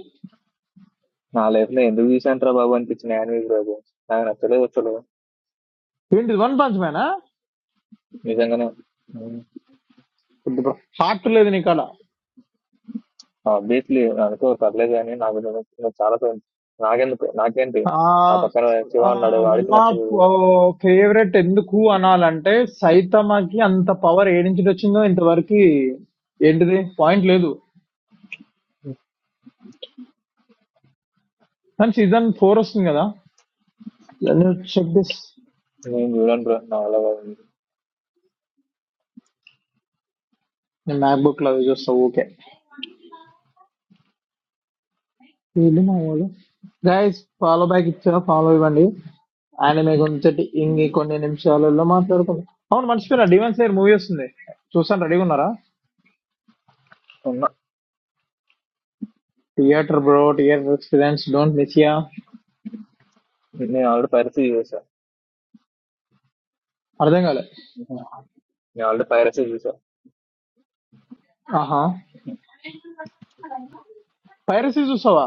నా లైఫ్ లో ఎందుకు చూసాను రా బాబు అనిపించిన యానిమే బ్రో అది నాకు నచ్చలేదు అసలు
ఏంటి వన్ పంచ్ మ్యానా
నిజంగానే
బ్రో హార్ట్ లేదు నీకు అలా
ఆబ్వియస్లీ అనుకో పర్లేదు కానీ నాకు నచ్చింది చాలా ఫేవరెట్ నాకెందుకు నాకేంటి నా పక్కన శివ అన్నాడు
వన్
వాడికి
ఆఫ్
నచ్చలేదు
ఫేవరెట్ ఎందుకు అనాలంటే సైతమకి అంత పవర్ ఏడించి వచ్చిందో ఇంతవరకు ఏంటిది పాయింట్ లేదు కానీ సీజన్ ఫోర్ వస్తుంది కదా చెక్ దిస్
నేను చూడండి బ్రో నా
నేను మ్యాక్ బుక్ లో చూస్తా ఓకే వీళ్ళు మా వాళ్ళు గైస్ ఫాలో బ్యాక్ ఇచ్చా ఫాలో ఇవ్వండి ఆయన మీకు ఉంచటి ఇంగి కొన్ని నిమిషాలలో మాట్లాడుకుందాం అవును మర్చిపోయినా డివెన్స్ దగ్గర మూవీ వస్తుంది చూసాను రెడీగా ఉన్నారా
అలా
theatre bro theatre experience don't miss ya
പിന്നെ ആളുടെ പരസ്യ ജീവിച്ച
అర్థం కాలే
ആളുടെ പരസ്യ ജീവിച്ച
ఆహా పైరసీ చూసావా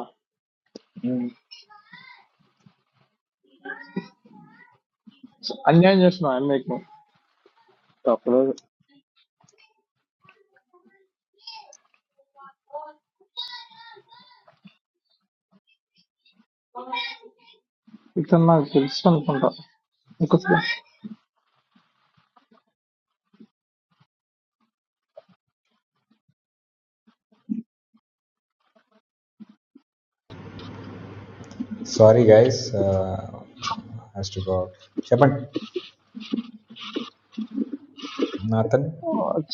స- అన్యాయం చేస్తున్నావు ఆయన మీకు
തപ്പുന്നത്
ఇతను నాకు తెలుసు అనుకుంటా ఇంకోసారి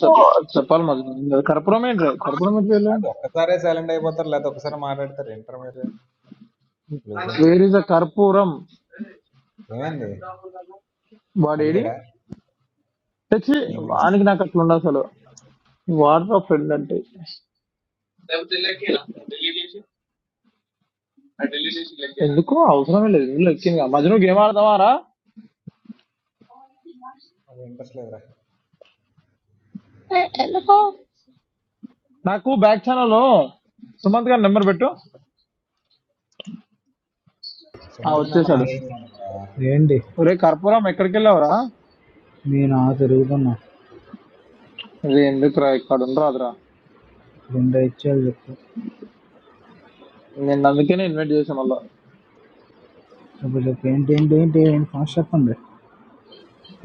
చెప్-
important.
చెప్పాలి మరి కర్పూరం ఏంటి కర్పూరం ఏంటి వేర్ ఇస్ అ కర్పూరం వాడేడి తెచ్చి వానికి నాకు అట్లా ఉండదు అసలు వాడరా ఫ్రెండ్ అంటే ఎందుకు అవసరమే లేదు ఇందులో ఎక్కింది మధ్యలో గేమ్ ఆడదామారా నాకు బ్యాక్ ఛానల్ లో సుమంత్ గారి నెంబర్ పెట్టు ఆ వచ్చేసాడు
ఏంటి
ఒరే కర్పూరం ఎక్కడికి వెళ్ళావురా
నేను ఆ తిరుగుతున్నా
ఇది ఎందుకురా ఇక్కడ ఉండరాదురా
రెండు ఇచ్చేయాలి చెప్పు
నేను అందుకనే ఇన్వైట్ చేశాను మళ్ళా
చెప్పు చెప్పు ఏంటి ఏంటి ఏంటి ఏంటి ఫాస్ట్ చెప్పండి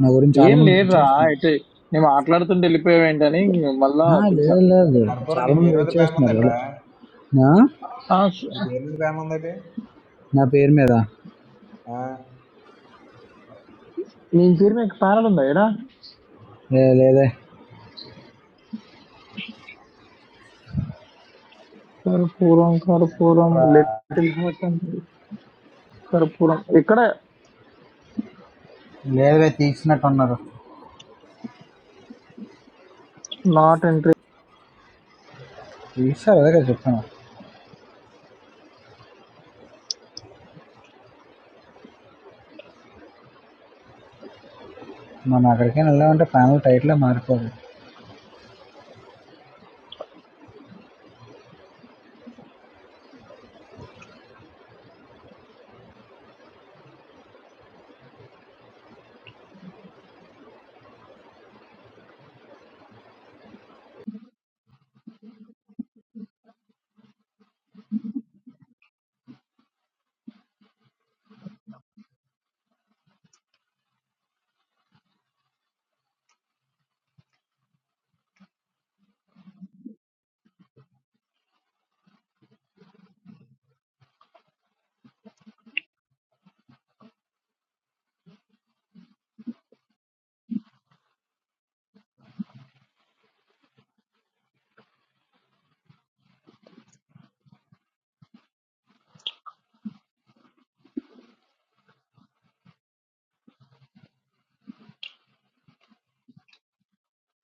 నా గురించి చాలా
ఏం
మంది వెయిట్
లేదురా
చేస్తున్నారు
అయితే నేను మాట్లాడుతుంటే వెళ్ళిపోయావేంటని మళ్ళా
ఆ,
పిలిచా
లేదు లేదు లేదు. చాలా మంది వెయిట్ చేస్తున్నారు ఇలా నా
ఆ, స-
నా పేరు మీద
నీ పేరు మీకు ప్యానల్ ఉందా ఏడా
లే లేదే
కర్పూరం కర్పూరం లిటిల్ హార్ట్ అంటే కర్పూరం ఇక్కడ
లేదే తీసినట్టు ఉన్నారు
నాట్ ఎంట్రీ
తీస్తారు అదే కదా చెప్తాను మనం అక్కడికైనా వెళ్ళామంటే ఫైనల్ టైటిలే మారిపోదు